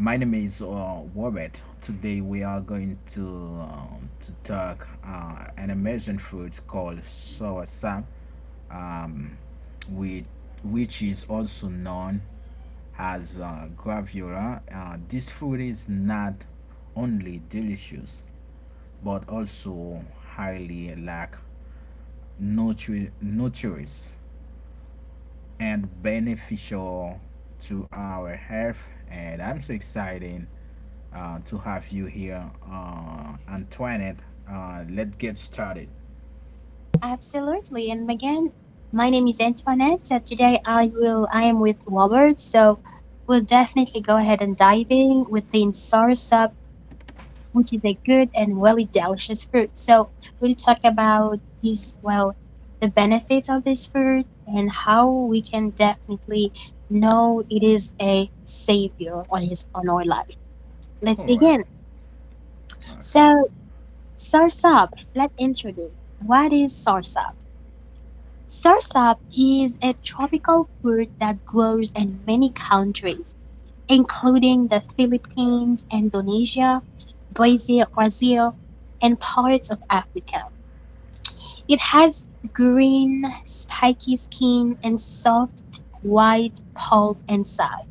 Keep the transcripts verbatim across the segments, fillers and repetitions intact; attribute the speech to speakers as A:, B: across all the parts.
A: my name is uh, Robert. Today, we are going to uh, to talk uh, an amazing fruit called soursop, um, with which is also known as uh, graviola. Uh, this fruit is not only delicious but also highly lack nutri- nutritious and beneficial to our health. And I'm so excited uh, to have you here, uh, Antoinette. Uh, let's get started.
B: Absolutely. And again, my name is Antoinette. So today I will I am with Robert. So we'll definitely go ahead and dive in within soursop, which is a good and really delicious fruit. So we'll talk about his well the benefits of this fruit and how we can definitely know it is a savior on his on our life. Let's
A: All right.
B: begin.
A: Okay.
B: So soursop, let's introduce. What is soursop? Soursop is a tropical fruit that grows in many countries, including the Philippines, Indonesia, Brazil, Brazil, and parts of Africa. It has green, spiky skin and soft, white pulp inside,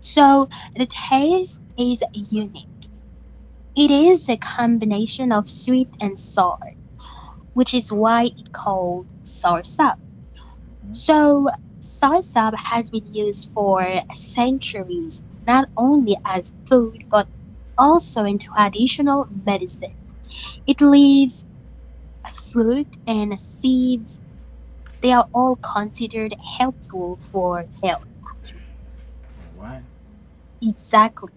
B: so the taste is unique. It is a combination of sweet and sour, which is why it's called soursop.
A: Mhm.
B: So, soursop has been used for centuries, not only as food but also in traditional medicine. Its leaves, fruit, and seeds, they are all considered helpful for health.
A: All right.
B: Exactly.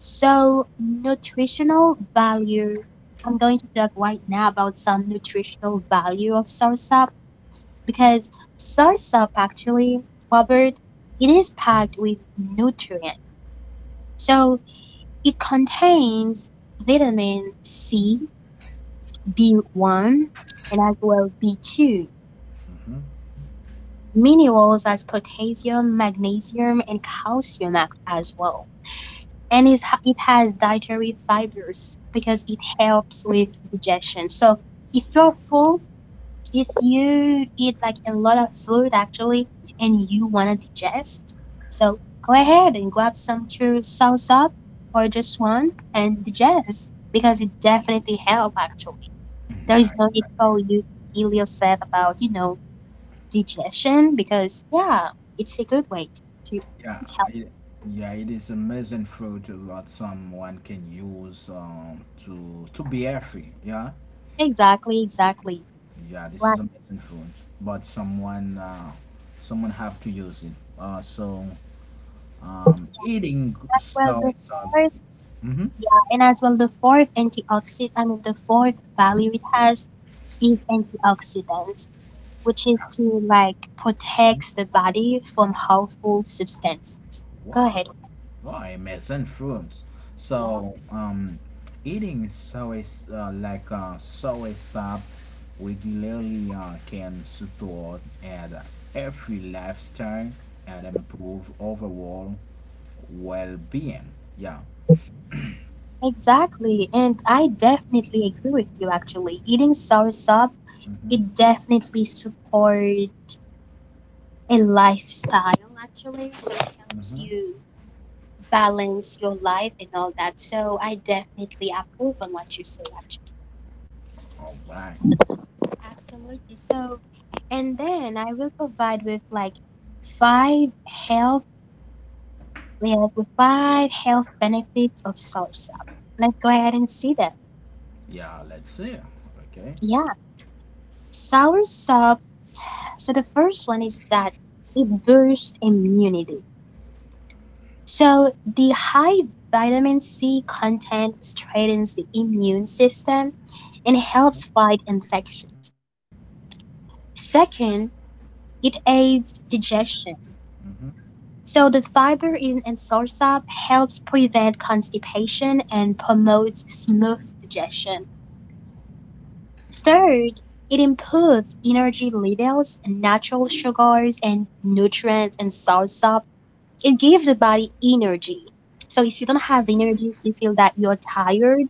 B: So, nutritional value. I'm going to talk right now about some nutritional value of soursop because soursop actually, Robert, it is packed with nutrients. So it contains vitamin C, B one, and as well B two, minerals as potassium, magnesium, and calcium as well. And it's, it has dietary fibers because it helps with digestion. So if you're full, if you eat like a lot of food actually and you want to digest, so go ahead and grab some true salsa or just one and digest because it definitely help actually.
A: Mhm.
B: There is
A: Yeah,
B: no need
A: exactly.
B: for you to feel yourself about, you know, digestion because yeah, it's a good way to, to
A: Yeah,
B: it's help.
A: it, yeah, it is amazing fruit what someone can use um, to to be healthy. Yeah,
B: Exactly, exactly.
A: yeah, this is
B: Right.
A: amazing fruit, but someone uh, someone have to use it. Uh, so Um, eating
B: Well,
A: so
B: the
A: it's uh,
B: fourth,
A: hmm
B: yeah, and as well the fourth antioxidant, I mean the fourth value it has is antioxidants, which is to like protects the body from harmful substances. Go
A: Wow,
B: ahead.
A: wow, amazing foods. So um, eating soy s- uh, like uh, soy sap regularly uh, can support and every lifestyle and improve overall well-being. Yeah.
B: Exactly, and I definitely agree with you actually. Eating soursop,
A: Mm-hmm.
B: it definitely supports a lifestyle actually. It helps you balance your life and all that. So I definitely approve on what you say actually.
A: All right.
B: Absolutely. So and then I will provide with like five health yeah, the five health benefits of soursop. Let's go ahead and see them.
A: Yeah. Let's see. Okay.
B: Yeah, soursop. So the first one is that it boosts immunity. So the high vitamin C content strengthens the immune system and helps fight infections. Second, it aids digestion.
A: Mm-hmm.
B: So the fiber in in soursop helps prevent constipation and promotes smooth digestion. Third, it improves energy levels, natural sugars and nutrients and source up. It gives the body energy. So if you don't have energy, if you feel that you're tired,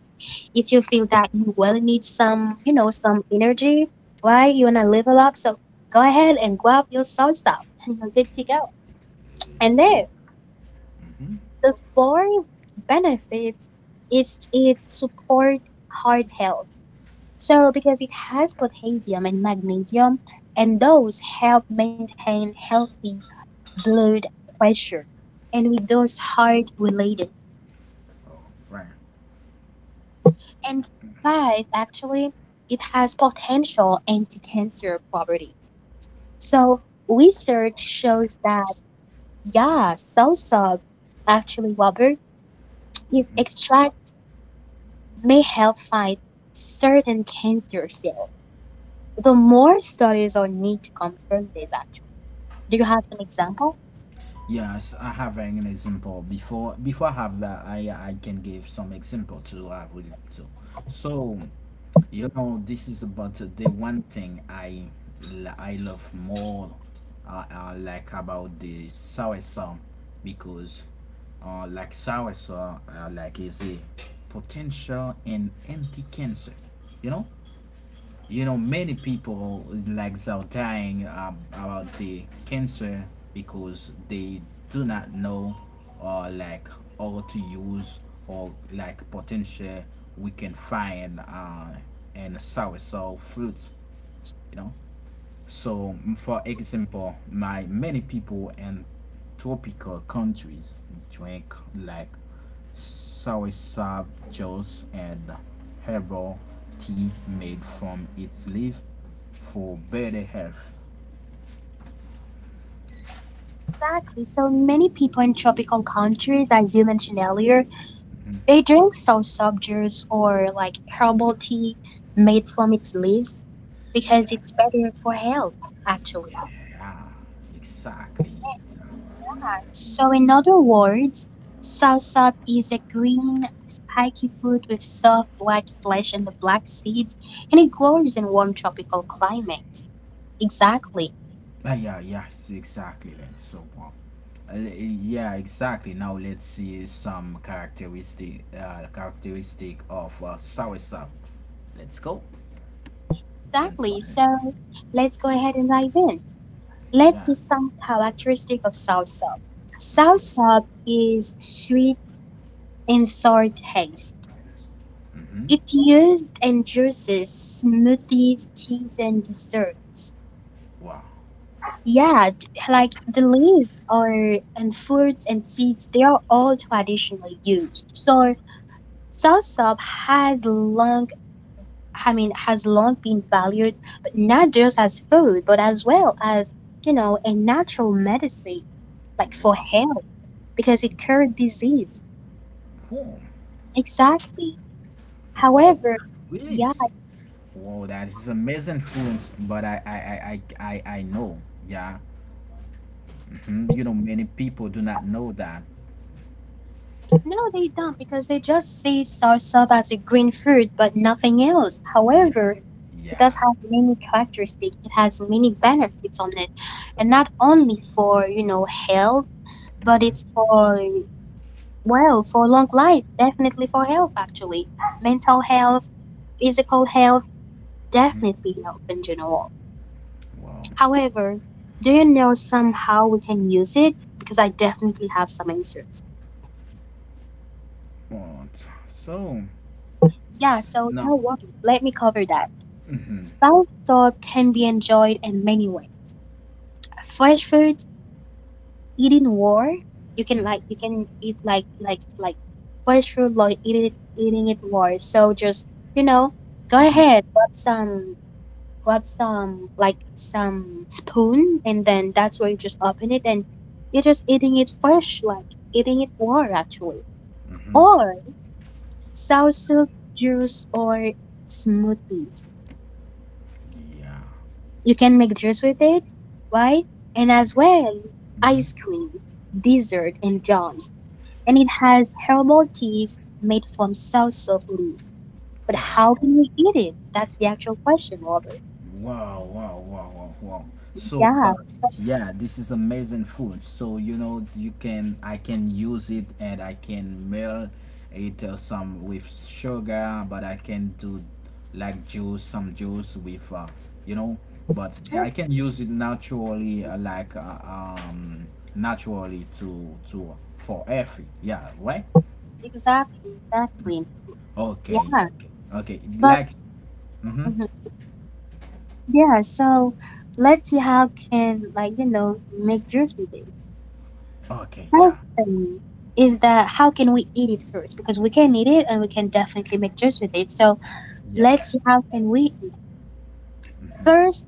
B: if you feel that you will need some, you know, some energy, why you wanna level up? So go ahead and grab your salsa and you're good to go. And
A: Yeah.
B: then the fourth benefit is it supports heart health. So, because it has potassium and magnesium, and those help maintain healthy blood pressure. And with those heart related.
A: All right.
B: And five, actually, it has potential anti-cancer properties. So,
A: All
B: research
A: right.
B: shows that, yeah, soursop, actually, Robert, its
A: Mhm.
B: extract may help fight certain cancer cells. The more studies are need to confirm this, actually. Do you have an example?
A: Yes, I have an example. Before before I have that, I I can give some example. To I will to. So, you know, this is about uh, the one thing I l- I love more, uh, uh, like about the soursum, because uh, like soursum, uh, like, is a potential in anti cancer. You know, you know many people like are dying, um, about the cancer, because they do not know or like how to use or like potential we can find uh, in sour so fruits you know so, for example, my many people in tropical countries drink like soursop juice and herbal tea made from its leaf for better health.
B: Exactly. So many people in tropical countries, as you mentioned earlier, they drink soursop juice or like herbal tea made from its leaves because
A: Yeah,
B: it's better for health, actually.
A: yeah, exactly.
B: So, in other words, soursop is a green, spiky fruit with soft white flesh and the black seeds, and it grows in warm tropical climates. Exactly.
A: Ah, yeah, yes, exactly. Then so, um, uh, yeah, exactly. Now let's see some characteristic, uh, characteristic of uh, soursop. Let's go,
B: Exactly.
A: Antoine.
B: So, let's go ahead and dive in. Let's
A: Yeah.
B: see some characteristic of salsa. Salsa is sweet and sour taste.
A: Mm-hmm.
B: It's used in juices, smoothies, teas, and desserts.
A: Wow.
B: Yeah, d- like the leaves or and fruits and seeds, they are all traditionally used. So soursop has long, I mean, has long been valued, but not just as food, but as well as you know a natural medicine, like for
A: Wow.
B: health, because it cured disease.
A: Whoa.
B: Exactly.
A: Whoa.
B: However,
A: That Really?
B: yeah,
A: is- Whoa. That is amazing foods. But I, I, I, I, I I know. Yeah. Hmm. You know, many people do not know that.
B: no, they don't because they just see soursop as a green fruit, but nothing else.
A: Yeah.
B: However, it does
A: Yeah.
B: have many characteristics. It has many benefits on it, and not only for you know health, but it's
A: Mm-hmm.
B: for well for long life. Definitely for health, actually, mental health, physical health,
A: Mm-hmm.
B: definitely health in general.
A: Wow.
B: However, do you know somehow we can use it? Because I definitely have some answers.
A: What? So.
B: Yeah, so no
A: Now,
B: worries. Let me cover that.
A: mhm,
B: South thought can be enjoyed in many ways. Fresh food, eating war, you can like
A: mhm,
B: you can eat like like like fresh food like eat it, eating it war. So just you know, go
A: mhm,
B: ahead, grab some grab some like some spoon and then that's where you just open it and you're just eating it fresh, like eating it raw actually.
A: mhm,
B: Or soursop juice or smoothies.
A: yeah,
B: You can make juice with it, right? And as well,
A: mhm.
B: ice cream, dessert, and jams. And it has herbal teas made from soursop leaves. But
A: Wow.
B: how can we eat it? That's the actual question, Robert.
A: Wow, wow, wow, wow, wow. So
B: Yeah,
A: that Yeah, this is amazing food. So, you know, you can, I can use it, and I can melt it, uh, some with sugar. But I can do like juice, some juice with, uh, you know, but I can use it naturally, uh, like uh, um naturally to to for every, yeah, right?
B: exactly, exactly.
A: Okay,
B: Yeah,
A: okay, okay.
B: but
A: Like, mm-hmm.
B: mhm. yeah, so let's see how can like you know make juice with it.
A: Okay,
B: First
A: yeah,
B: thing is that how can we eat it first? Because we can eat it and we can definitely make juice with it. So
A: yes.
B: let's see how can we eat it. First,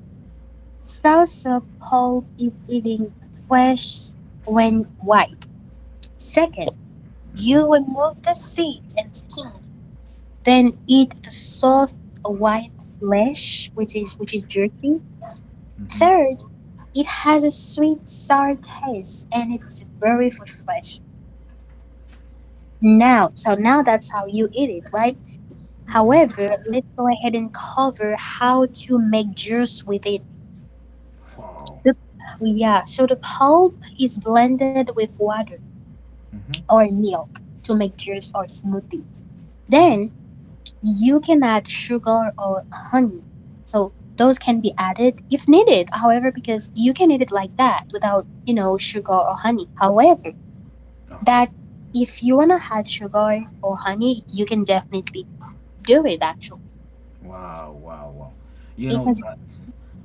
B: salsa pulp is eating fresh when white. Second, you
A: Mm-hmm,
B: remove the seeds and skin, then eat the soft white flesh, which is which is jerky.
A: mm-hmm,
B: Third, it has a sweet sour taste and it's very refreshing. Now, so now that's how you eat it, right?
A: mm-hmm.
B: However, let's go ahead and cover how to make juice with it.
A: Wow.
B: The, yeah, so the pulp is blended with water
A: Mm-hmm.
B: or milk to make juice or smoothies. Then you can add sugar or honey. So those can be added if needed. However, because you can eat it like that without, you know, sugar or honey. However,
A: Okay.
B: that if you wanna add sugar or honey, you can definitely do it actually
A: Wow, wow, wow. You know
B: because
A: that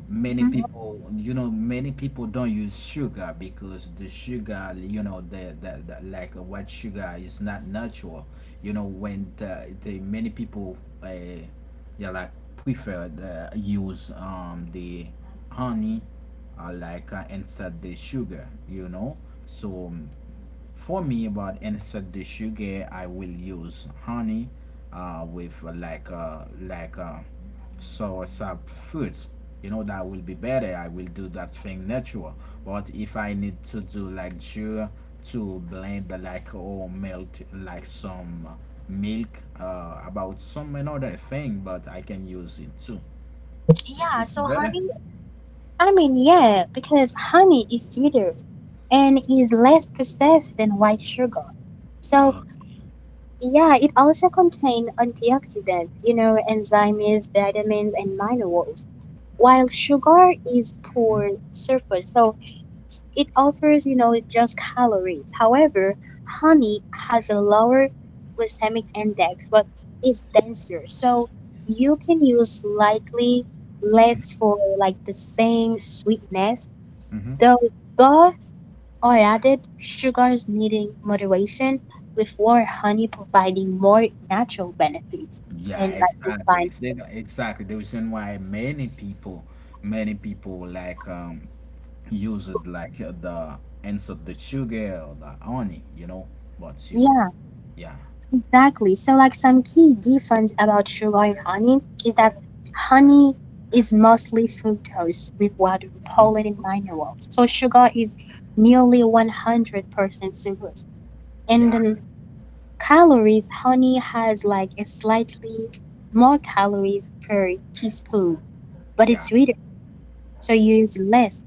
A: many
B: Mhm.
A: people, you know, many people don't use sugar, because the sugar, you know, the, the, the like uh, white sugar is not natural. You know, when the, the many people, uh, yeah, like, prefer the use, um the honey, uh, like, uh, instead the sugar. You know, so um, for me, but instead the sugar, I will use honey, uh, with, uh, like uh, like uh, sour sap fruits. You know that will be better. I will do that thing natural. But if I need to do like sure, to blend, uh, like, or melt like some milk, uh, about some another thing, but I can use it too.
B: yeah,
A: It's
B: so
A: better.
B: honey I mean, yeah, because honey is sweeter and is less processed than white sugar. So,
A: Okay.
B: yeah, it also contains antioxidants, you know, enzymes, vitamins, and minerals, while sugar is poor
A: Mhm.
B: surface. So, it offers, you know, just calories. However, honey has a lower glycemic index, but is denser. So, you can use slightly less for like the same sweetness.
A: Mhm.
B: Though both are added, sugar is needing moderation, with more honey providing more natural benefits.
A: Yeah,
B: And like we
A: exactly.
B: find,
A: Exac- Exactly. The reason why many people, many people like, um use it like, uh, the insert the sugar or the honey, you know. But, you know,
B: yeah,
A: yeah.
B: exactly. So like some key difference about sugar and honey is that honey is mostly fructose with water,
A: Mhm.
B: pollen, and minerals. So sugar is nearly one hundred percent sugars. And
A: Yeah,
B: then
A: yeah,
B: calories, honey has like a slightly more calories per teaspoon but
A: yeah,
B: it's sweeter, so you use less.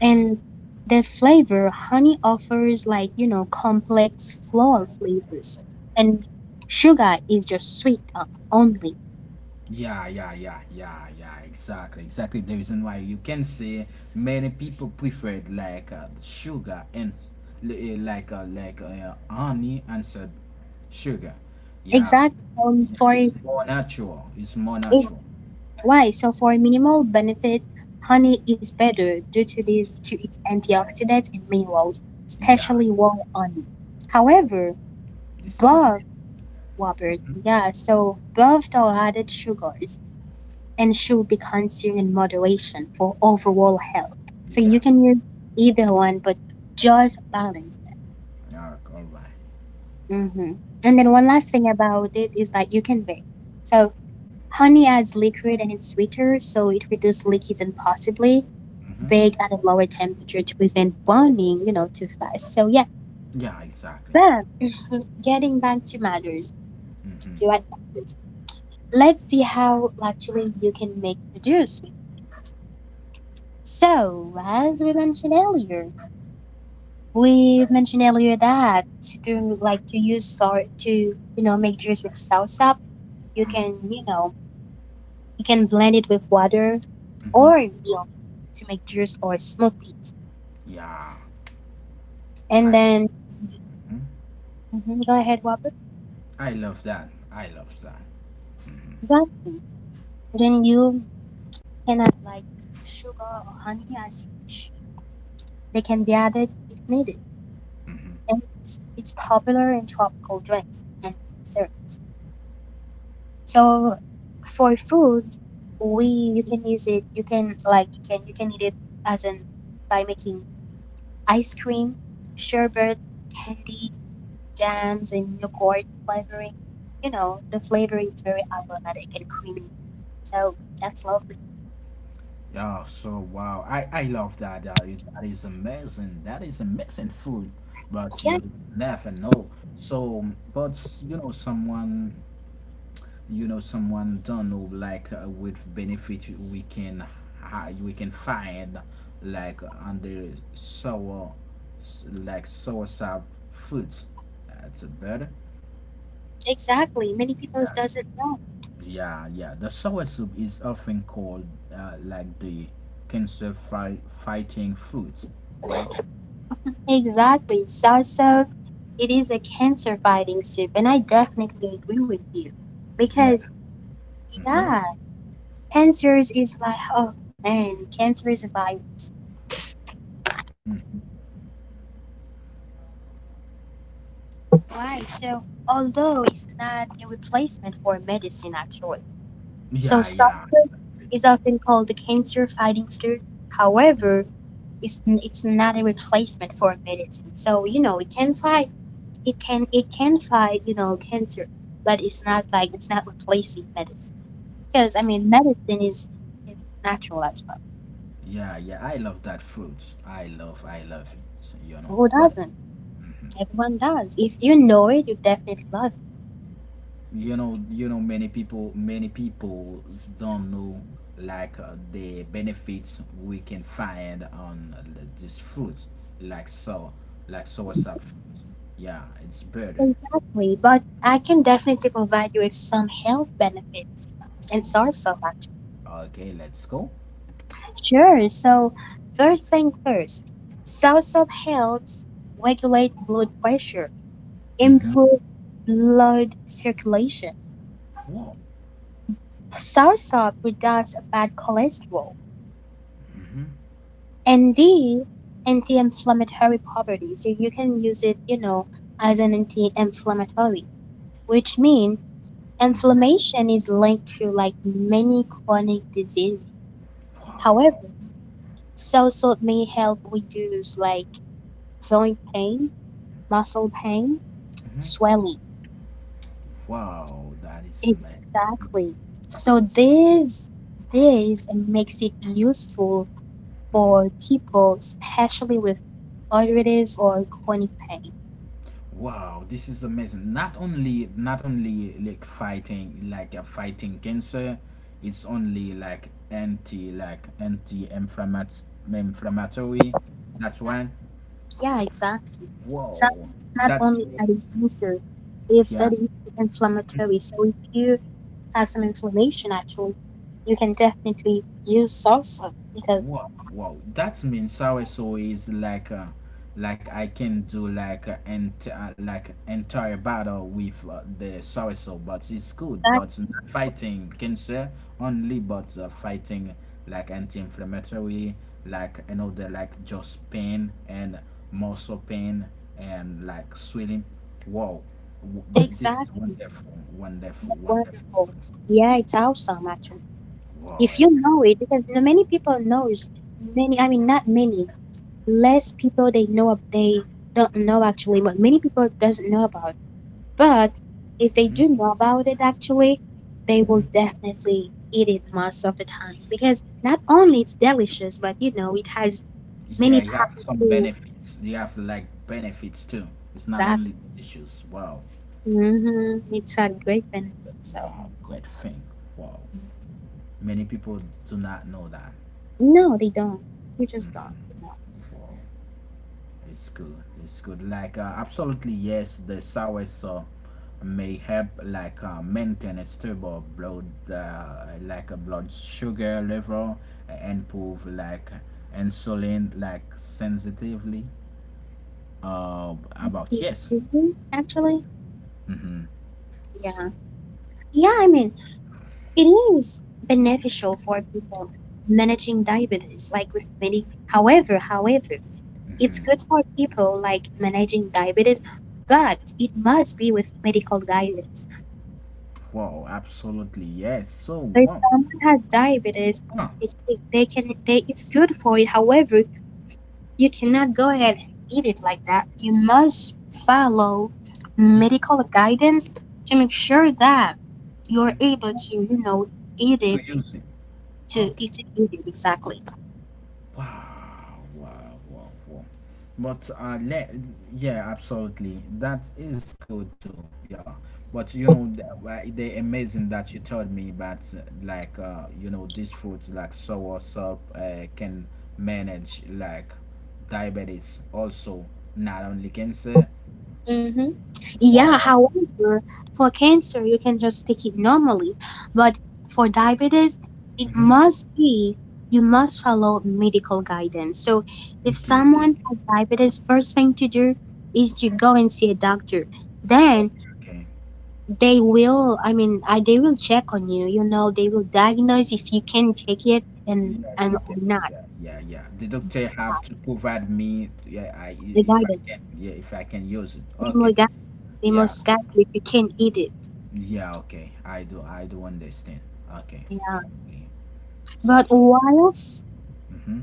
B: And the flavor, honey offers like, you know, complex floral flavors. And sugar is just sweet o- only.
A: yeah, yeah, yeah, yeah, yeah. Exactly, exactly. The reason why you can say many people preferred like, uh, the sugar and, s- li- eh, like uh, like uh, honey and said sugar. Yeah,
B: Exactly. Um,
A: yeah.
B: for it-
A: It's more natural. It's more natural.
B: why? So for minimal benefit, honey is better due to this to its antioxidants and minerals,
A: Yeah,
B: especially wall honey.
A: yeah.
B: However,
A: This is
B: above
A: amazing.
B: Robert, yeah, so above the added sugars and should be consumed in moderation for overall health. So you
A: Yeah.
B: can use either one, but just balance
A: Yeah. All right.
B: it. Hmm. And then one last thing about it is that you can bake. So honey adds liquid and it's sweeter, so it reduces leakage and possibly
A: Mm-hmm.
B: bake at a lower temperature to prevent burning, you know, too fast. So yeah,
A: Yeah. Exactly.
B: but mhm, getting back to matters, to
A: Mm-hmm.
B: what matters, let's see how actually you can make the juice. So as we mentioned earlier, We mentioned earlier that to do like
A: Mm-hmm.
B: to use salt to you know make juice with salsa, you can you know you can blend it with water or
A: Mm-hmm.
B: milk to make juice or smoothies,
A: Yeah.
B: and
A: I.
B: then
A: Mhm.
B: mhm, go ahead, Robert.
A: I love that. I love that.
B: Exactly. Then you can add like sugar or honey as you wish. They can be added if needed, and it's, it's popular in tropical drinks and desserts. So for food, we you can use it. You can like you can you can eat it as in by making ice cream, sherbet, candy, jams, and yogurt flavoring. You know the flavor is very aromatic and creamy. So that's lovely.
A: Yeah. So wow. I I love that. Uh, it- that is amazing. That is amazing food. But
B: Yeah,
A: you never know. So, but, you know, someone, you know someone don't know like, uh, with benefit we can hi- we can find like under sour like sour soursop foods, that's better,
B: exactly. Many people
A: yeah
B: doesn't
A: the-
B: know.
A: yeah, yeah, the sour soup is often called, uh, like, the cancer fi- fighting fruit. Why?
B: Exactly. Soursop, it is a cancer fighting soup, and I definitely agree with you because
A: Yeah. Mm-hmm.
B: yeah, cancer is like, oh man, cancer is a virus. Why? So, although it's not a replacement for medicine, actually.
A: Yeah,
B: So,
A: yeah,
B: sulfur is often called the cancer fighting food. However, it's, it's not a replacement for medicine. So, you know, it can fight, it can, it can fight, you know, cancer, but it's not like, it's not replacing medicine. Because, I mean, medicine is, is natural as well.
A: yeah, yeah. I love that fruit. I love i love it you know
B: So Who
A: but
B: doesn't? Everyone does. If you know it, you definitely love it.
A: you know you know Many people many people don't know like, uh, the benefits we can find on, uh, this fruit like so like source of fruit. Yeah, it's better.
B: Exactly, but I can definitely provide you with some health benefits and source of actually.
A: Okay, let's go.
B: Sure. So first thing first, soursop helps regulate blood pressure,
A: Mm-hmm.
B: improve blood circulation.
A: Wow.
B: Soursop reduces bad cholesterol, and the anti-inflammatory properties. So you can use it, you know, as an anti-inflammatory, which means
A: Mm-hmm.
B: inflammation is linked to like many chronic diseases.
A: Wow.
B: However, soursop may help reduce like joint pain, muscle pain,
A: Mm-hmm.
B: swelling.
A: Wow, that is amazing.
B: Exactly. So this this makes it useful for
A: Mm-hmm.
B: people, especially with arthritis or chronic pain.
A: Wow, this is amazing. Not only not only like fighting, like, uh, fighting cancer, it's only like anti like anti inflammatory. That's why.
B: Yeah, exactly.
A: Whoa,
B: Exactly. Not
A: that's
B: only at
A: it.
B: its user, it's
A: Yeah.
B: anti-inflammatory. So if you have some inflammation, actually, you can definitely use soursop because
A: Wow, wow. That means soursop is like, uh, like, I can do like, uh, ent- uh, like, entire battle with, uh, the soursop, but it's good.
B: that
A: But not fighting cancer only, but, uh, fighting like anti-inflammatory, like, you know the like just pain and muscle pain and like swelling. Wow, W- th- this is
B: exactly.
A: wonderful, wonderful, wonderful.
B: Wonderful.
A: food.
B: Yeah, it's awesome actually.
A: Wow.
B: If you know it, because not many people knows many. I mean, not many. Less people they know ab- they don't know actually, but many people doesn't know about. But if they do know about it actually, they will definitely eat it most of the time because not only it's delicious, but you know it has
A: Yeah,
B: many
A: you have some
B: powerful
A: benefits. You have like benefits too. It's not
B: that.
A: only the issues. Wow,
B: Hmm, it's a great benefit. So
A: wow, great thing. Wow, many people do not know that.
B: no, they don't. You just don't.
A: Wow, it's good. It's good. Like, uh, absolutely yes, the sour, uh, may help like, uh, maintain a stable blood uh, like a blood sugar level and improve like insulin like sensitively, uh about, yes.
B: Mhm. Actually,
A: Mm-hmm.
B: yeah, I mean, it is beneficial for people managing diabetes, like with many. However, however, it's good for people like managing diabetes, but it must be with medical guidance.
A: Wow, absolutely, yes. So,
B: So if
A: wow.
B: someone has diabetes,
A: Ah,
B: they, they they can they it's good for it. However, you cannot go ahead and eat it like that. You must follow
A: mhm,
B: medical guidance to make sure that you're able to, you know, eat
A: to
B: it
A: use it.
B: to
A: Okay.
B: eat it, eat it exactly.
A: Wow, wow, wow, wow. But, uh, let yeah, absolutely. That is good too. Yeah. But, you know, th- wha- they amazing that you told me about, uh, like uh, you know these foods like sour soup, uh, can manage like diabetes also, not only cancer.
B: Mm-hmm. Yeah,
A: Wow.
B: however, for cancer, you can just take it normally. But for diabetes, it
A: Mm-hmm.
B: must be, you must follow medical guidance. So if
A: Okay, okay, okay,
B: someone has diabetes, first thing to do is to go and see a doctor. Then
A: okay, okay.
B: they will, I mean, I, they will check on you, you know, they will diagnose if you can take it and
A: You know, if
B: and
A: I
B: or
A: can,
B: not.
A: yeah, yeah, yeah. The doctor
B: Yeah.
A: have to provide me, yeah, I,
B: The
A: if I can,
B: guidance.
A: yeah, if I can use it.
B: They will
A: Okay,
B: guide, they
A: yeah,
B: must guide you if you can eat it.
A: yeah, okay. I do, I do understand. Okay, I
B: Yeah.
A: agree. So,
B: But
A: so,
B: whilst
A: mm-hmm.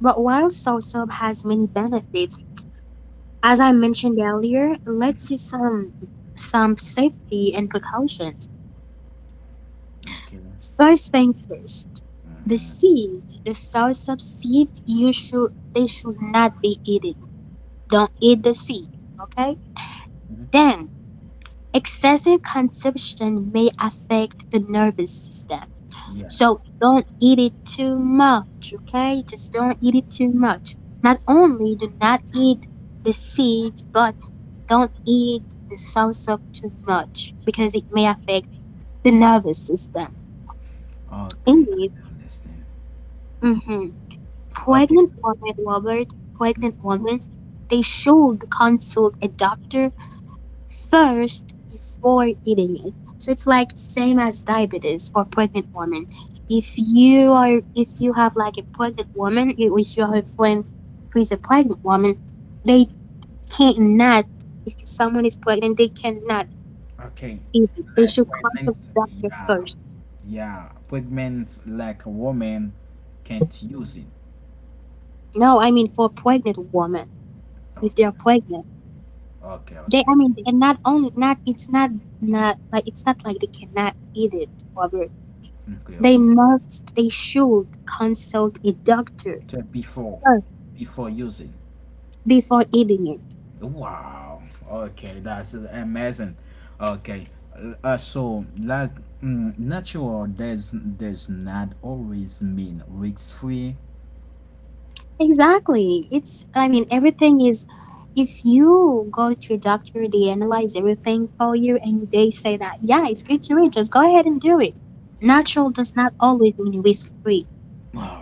B: But while soursop has many benefits, as I mentioned earlier, let's see some some safety and precautions.
A: Okay,
B: First thing first, the
A: mm-hmm.
B: seed, the soursop seed, you should they should not be eaten. Don't eat the seed, okay?
A: Hmm.
B: Then excessive consumption may affect the nervous system.
A: Yeah.
B: So don't eat it too much, okay? Just don't eat it too much. Not only do not eat the seeds, but don't eat the sour too much because it may affect the nervous system.
A: Okay, I
B: Indeed,
A: understand.
B: mhm,
A: Okay,
B: pregnant women, Robert, pregnant women, they should consult a doctor first before eating it. So it's like same as diabetes for pregnant women. If you are, if you have like a pregnant woman, you- if you have a friend who is a pregnant woman, they cannot. If someone is pregnant, they cannot
A: okay.
B: people, they should
A: Like
B: contact the
A: pregnancy,
B: doctor
A: yeah,
B: first.
A: yeah. Pregnant like a woman can't use it.
B: No, I mean for pregnant women, if they are
A: Okay,
B: pregnant,
A: okay,
B: they, I
A: okay.
B: mean, and not only not, it's not not like it's not like they cannot eat it, Robert.
A: Mm, okay,
B: They
A: okay,
B: must, they should consult a doctor
A: before
B: first
A: before using.
B: before eating it.
A: Wow. Okay, that's amazing. Okay. Uh, so last mm, natural does does not always mean risk free.
B: Exactly. It's, I mean, everything is. If you go to a doctor, they analyze everything for you, and they say that yeah, it's good to eat. Just go ahead and do it. Natural does not always mean risk free.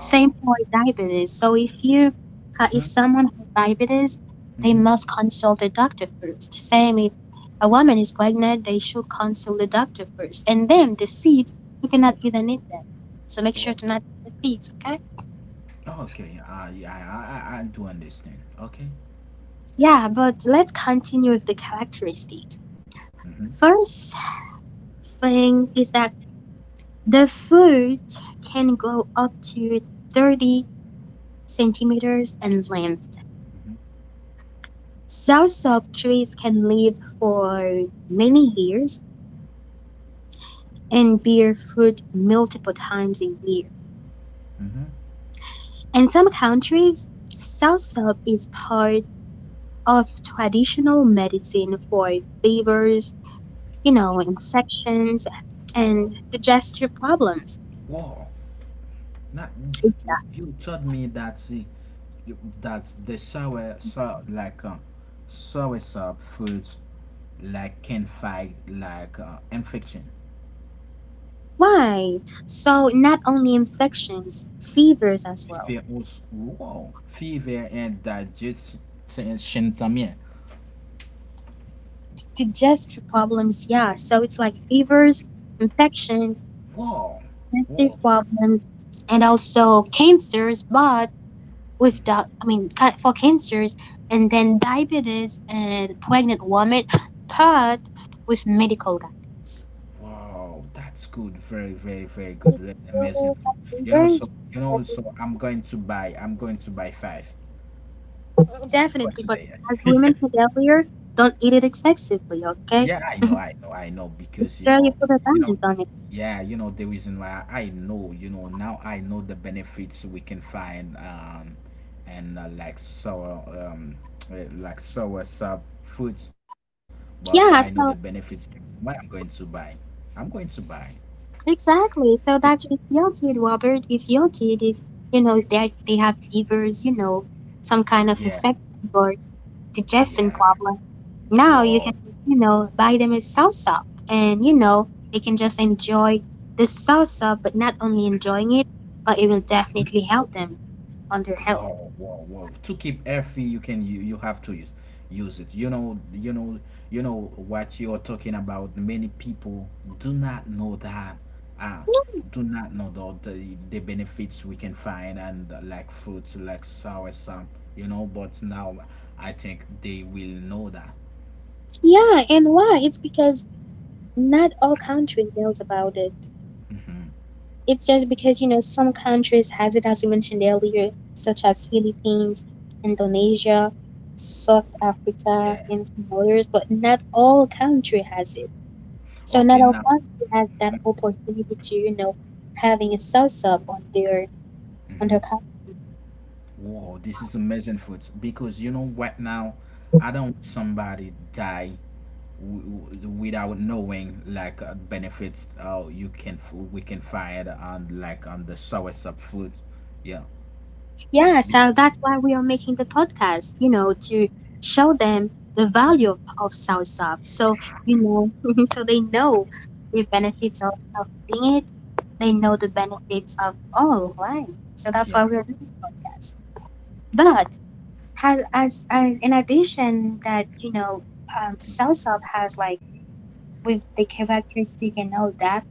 B: Same for diabetes. So if you ha if
A: Hmm.
B: someone has diabetes, they
A: Hmm.
B: must consult the doctor first. Same if a woman is pregnant, they should consult the doctor first. And then the seeds, you cannot even eat them. So make sure to not eat the seeds, okay?
A: Okay. I I I I I do understand. Okay.
B: Yeah, but let's continue with the characteristics.
A: Hmm.
B: First thing is that the fruit can grow up to thirty centimeters in length.
A: Hmm.
B: South Soursop trees can live for many years and bear fruit multiple times a year.
A: Hmm.
B: In some countries, soursop is part of traditional medicine for fevers, you know, infections,
A: Wow.
B: and digestive problems.
A: Wow. Not, you told me that, see, that the sour so, like, uh, sour sub foods like can fight like, uh, infection,
B: Why? So not only infections, fevers as well.
A: fever also, wow, fever and digestion también.
B: Digestive problems, yeah. So it's like fevers, infections,
A: Wow, wow,
B: digestive problems and also cancers but with the I mean ca- for cancers and then diabetes and pregnant women but with medical guidance.
A: wow, that's good, very, very, very good, very amazing.
B: So,
A: You know,
B: there's-
A: so you know, so I'm going to buy, I'm going to buy five for
B: definitely but
A: today.
B: as women said earlier don't eat it excessively okay
A: Yeah, I know, I know, I know,
B: make
A: because,
B: sure
A: you
B: you
A: know,
B: put a
A: you
B: balance
A: know,
B: on it
A: yeah, you know, the reason why I know, you know, now I know the benefits we can find, um, and, uh, like sour, um, uh, like sour sub foods, but I know the
B: yeah
A: benefits.
B: so
A: Why I'm going to buy? I'm going to buy.
B: exactly so that's with your kid Robert if your kid if you know if they they have fevers you know some kind of
A: Yeah,
B: infection or
A: yeah.
B: digestion problem. Now
A: Wow.
B: you can, you know, buy them as salsa and, you know, they can just enjoy the salsa, but not only enjoying it, but it will definitely help them on their health.
A: Whoa, whoa, whoa! To keep healthy, you can you, you have to use use it. You know, you know, you know what you're talking about. Many people do not know that. ah do not know the, the the benefits we can find, and, uh, like fruits like soursop. You know, but now I think they will know that.
B: Yeah, and why? It's because not all country knows about it. It's just because, you know, some countries has it as you mentioned earlier, such as Philippines, Indonesia, South Africa,
A: Yeah.
B: and some others, but not all country has it. So
A: Okay.
B: not
A: Now.
B: all country has that opportunity to, you know, having a sauce up on their on their
A: Hmm.
B: country.
A: Whoa! This is amazing food because you know what now. I don't want somebody die, w- without knowing like, uh, benefits, uh, you can f- we can find on like on the source of food. Yeah.
B: Yeah,
A: Be-
B: so that's why we are making the podcast, you know, to show them the value of, of sauce up. So,
A: yeah,
B: you know, so they know the benefits of, of doing it. They know the benefits of all, right? So that's
A: yeah,
B: why we're doing this.
A: yeah.
B: But has as as in addition that, you know, um, south has like with the characteristic and all that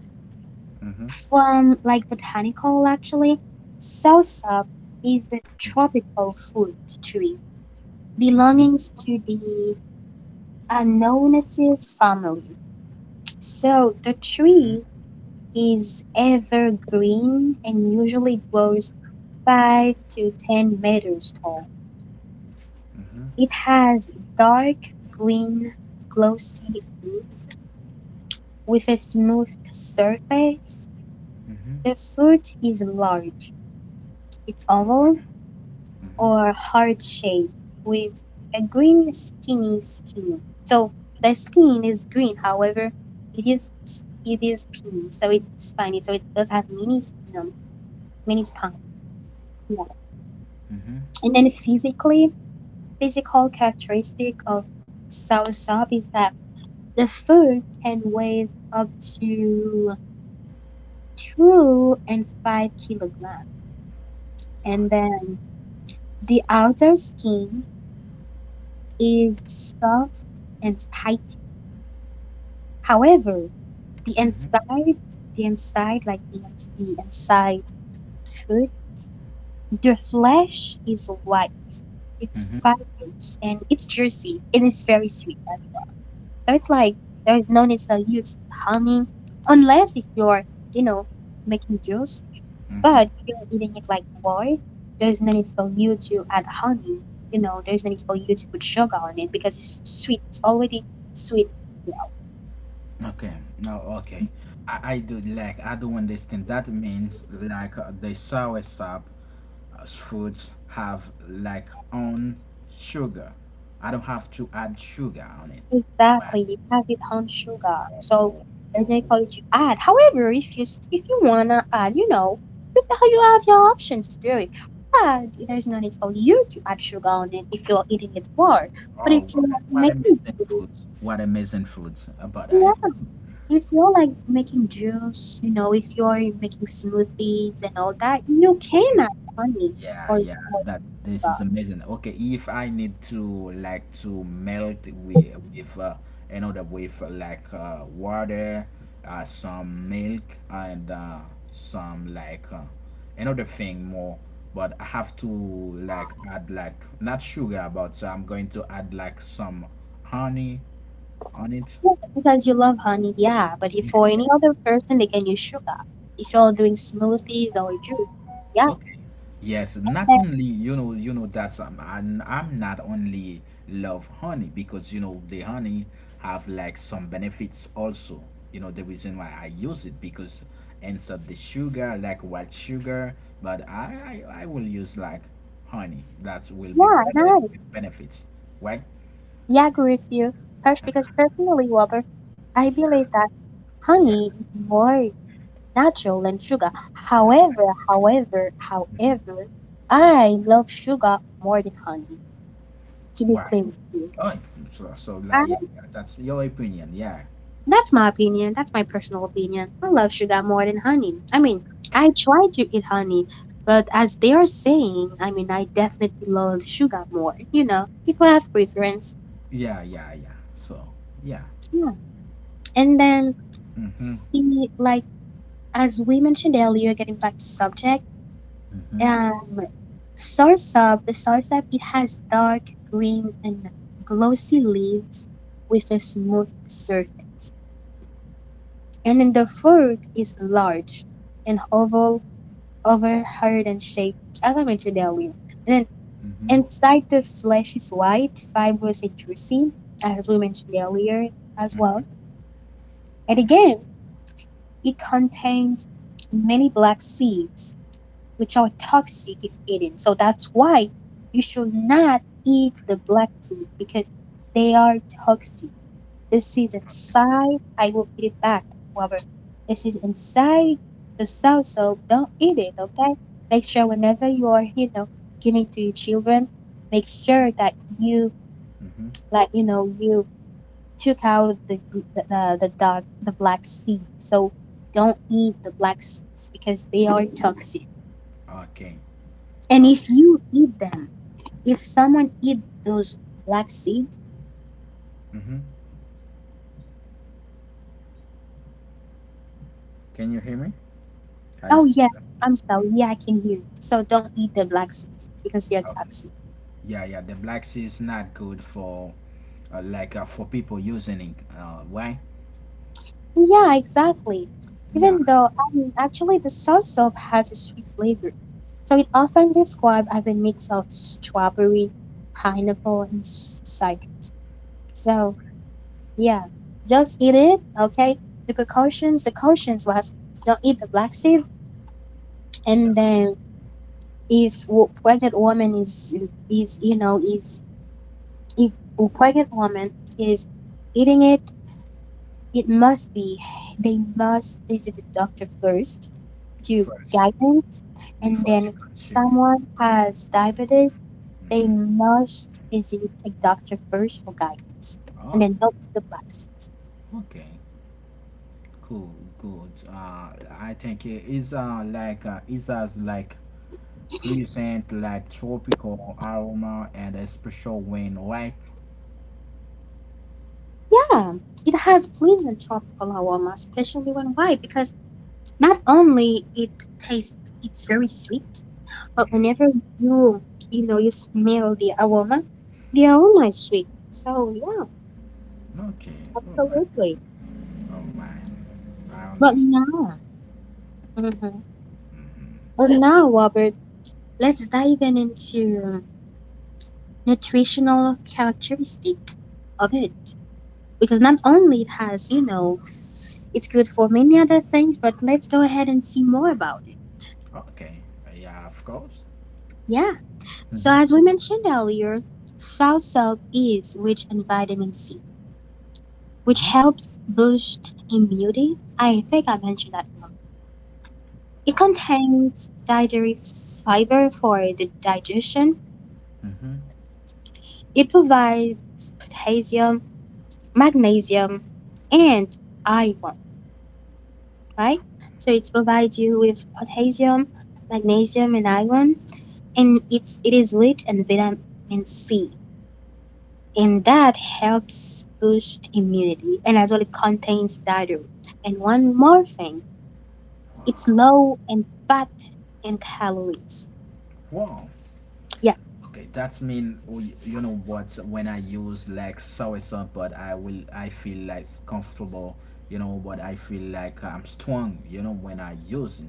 A: Mm-hmm,
B: from like botanical actually, salsa is a tropical food tree
A: mm-hmm,
B: belonging to the Anonaceae family. So
A: mm-hmm.
B: the tree is evergreen and usually grows five to ten meters tall.
A: Mm-hmm,
B: It has dark green glossy leaves with a smooth surface.
A: mm-hmm.
B: The fruit is large. It's
A: All right.
B: oval
A: Mm-hmm,
B: or heart shape with a green skinny skin. So the skin is green, however, it is it is skinny, so it's spiny, so it does have many um, many spines. Yeah.
A: mm-hmm.
B: And then physically, physical characteristic of soursop is that the food can weigh up to two and five kilograms, and
A: Okay.
B: then the outer skin is soft and tight. However, the
A: Mm-hmm.
B: inside, the inside, like the, ins- the inside food, the flesh is white. It's
A: Mm-hmm.
B: fibrous and it's juicy and it's very sweet. So it's like there is no need for you to honey unless if you're, you know, making juice,
A: Mm-hmm.
B: but if you're eating it like water. There's no need for you to add honey. You know, there's no need for you to put sugar on it because it's sweet. It's already sweet.
A: Okay. No. Okay. I, I do like I do understand. That means like, uh, the sour sap, s- foods have like own sugar. I don't have to add sugar on it. Wow.
B: Exactly, it has its own sugar, so there's no color to add. However, if you s- if you wanna add, you know, you ha- you have your options to do it. But there's no need for you to add sugar on it if you're eating it raw. But
A: Oh,
B: if you're
A: what,
B: like
A: what
B: making
A: amazing
B: juice,
A: foods! What amazing foods! Uh, But I
B: yeah, if you're like making juice, you know, if you're making smoothies and all that, you can
A: okay.
B: add honey
A: Yeah,
B: or
A: yeah, that this is amazing. Okay, if I need to like to melt with, with uh, another with, uh, like, uh, water, uh, some milk, and, uh, some like, uh, another thing more, but I have to like add like not sugar, but, uh, I'm going to add like some honey on it.
B: yeah, because you love honey, yeah. But if
A: Yeah,
B: for
A: yeah.
B: any other person, they can use sugar. If you're doing smoothies or juice, yeah,
A: Okay. Yes, not
B: then-
A: only, you know you know that's, um, I'm, I'm not only love honey because, you know the honey have like some benefits also. You know the reason why I use it, because instead the sugar like white sugar, but I I, I will use like honey, that will
B: yeah,
A: be
B: I
A: better
B: know.
A: with benefits. Right?
B: Yeah, I agree with you, Harsh. Because personally, Robert, I
A: Yeah,
B: believe that
A: yeah,
B: honey is more natural than sugar.
A: yeah.
B: However, however, however, I love sugar more than honey. To be
A: Why?
B: clear,
A: Oh, so, so like, yeah, yeah, that's your opinion. Yeah,
B: that's my opinion. That's my personal opinion. I love sugar more than honey. I mean, I try to eat honey, but as they are saying, I mean, I definitely love sugar more. You know, people have preference.
A: yeah, yeah, yeah. So, yeah.
B: Yeah. And then,
A: Hmm.
B: see, like, as we mentioned earlier, getting back to subject,
A: Mm-hmm.
B: um, soursop, the soursop, it has dark green and glossy leaves with a smooth surface. And then the fruit is large and oval over hard and shaped, as I mentioned earlier. And then
A: Mm-hmm.
B: inside the flesh is white, fibrous, and juicy, as we mentioned earlier as well. And again, it contains many black seeds, which are toxic if eaten. So that's why you should not eat the black seeds because they are toxic. This is inside. I will eat it back. However, this is inside the South, so don't eat it, okay? Make sure whenever you are, you know, giving to your children, make sure that you,
A: Mm-hmm.
B: like, you know, you took out the the the, the dark the black seeds. So don't eat the black seeds because they are toxic.
A: Okay.
B: And if
A: Okay.
B: you eat them, if someone eat those black seeds,
A: Mm-hmm. Can you hear me? Are you
B: oh
A: still
B: yeah,
A: there?
B: I'm sorry, yeah, I can hear you. So don't eat the black seeds because they are
A: Okay.
B: toxic.
A: Yeah, yeah. The Black Sea is not good for uh, like uh, for people using it. Uh, why?
B: Yeah, exactly.
A: Yeah.
B: Even though um, actually the soursop has a sweet flavor, so it often described as a mix of strawberry, pineapple, and s- cider. So yeah, just eat it, okay? The precautions, the cautions was don't eat the black seeds, and
A: Yeah.
B: then if wo- pregnant woman is is you know is if a pregnant woman is eating it, it must be they must visit the doctor first to
A: First,
B: guidance. And
A: before
B: then
A: to
B: if
A: consume it.
B: someone has diabetes, they
A: Mm-hmm.
B: must visit a doctor first for guidance and
A: Oh.
B: then not with the drugs.
A: Okay. Cool. Good. Uh, I think it is uh like uh, it has like pleasant like tropical aroma and a special wind, right?
B: Yeah, it has pleasant tropical aroma, especially when white, because not only it tastes it's very sweet, but
A: Mm-hmm.
B: whenever you you know you smell the aroma, the aroma is sweet. So yeah,
A: Okay. Oh my.
B: absolutely.
A: Oh my. I
B: But
A: understand.
B: now, Mhm. but now, Robert, let's dive in into nutritional characteristic of it because not only it has you know it's good for many other things, but let's go ahead and see more about it.
A: Okay. Yeah, of course.
B: Yeah, so
A: Mm-hmm.
B: as we mentioned earlier, soursop is rich in vitamin C, which
A: Mm-hmm.
B: helps boost immunity. I think I mentioned that one. It
A: Wow.
B: contains dietary fiber for the digestion.
A: Mm-hmm.
B: It provides potassium, magnesium, and iron, right? So it provides you with potassium, magnesium, and iron, and it's it is rich in vitamin C, and that helps boost immunity. And as well, it contains dietary. And one more thing, it's
A: Wow.
B: low in fat and calories.
A: Wow.
B: Yeah,
A: Okay, that's mean we- you know what, when I use like soy sauce, but I will I feel like comfortable, you know, but I feel like I'm strong, you know, when I use it.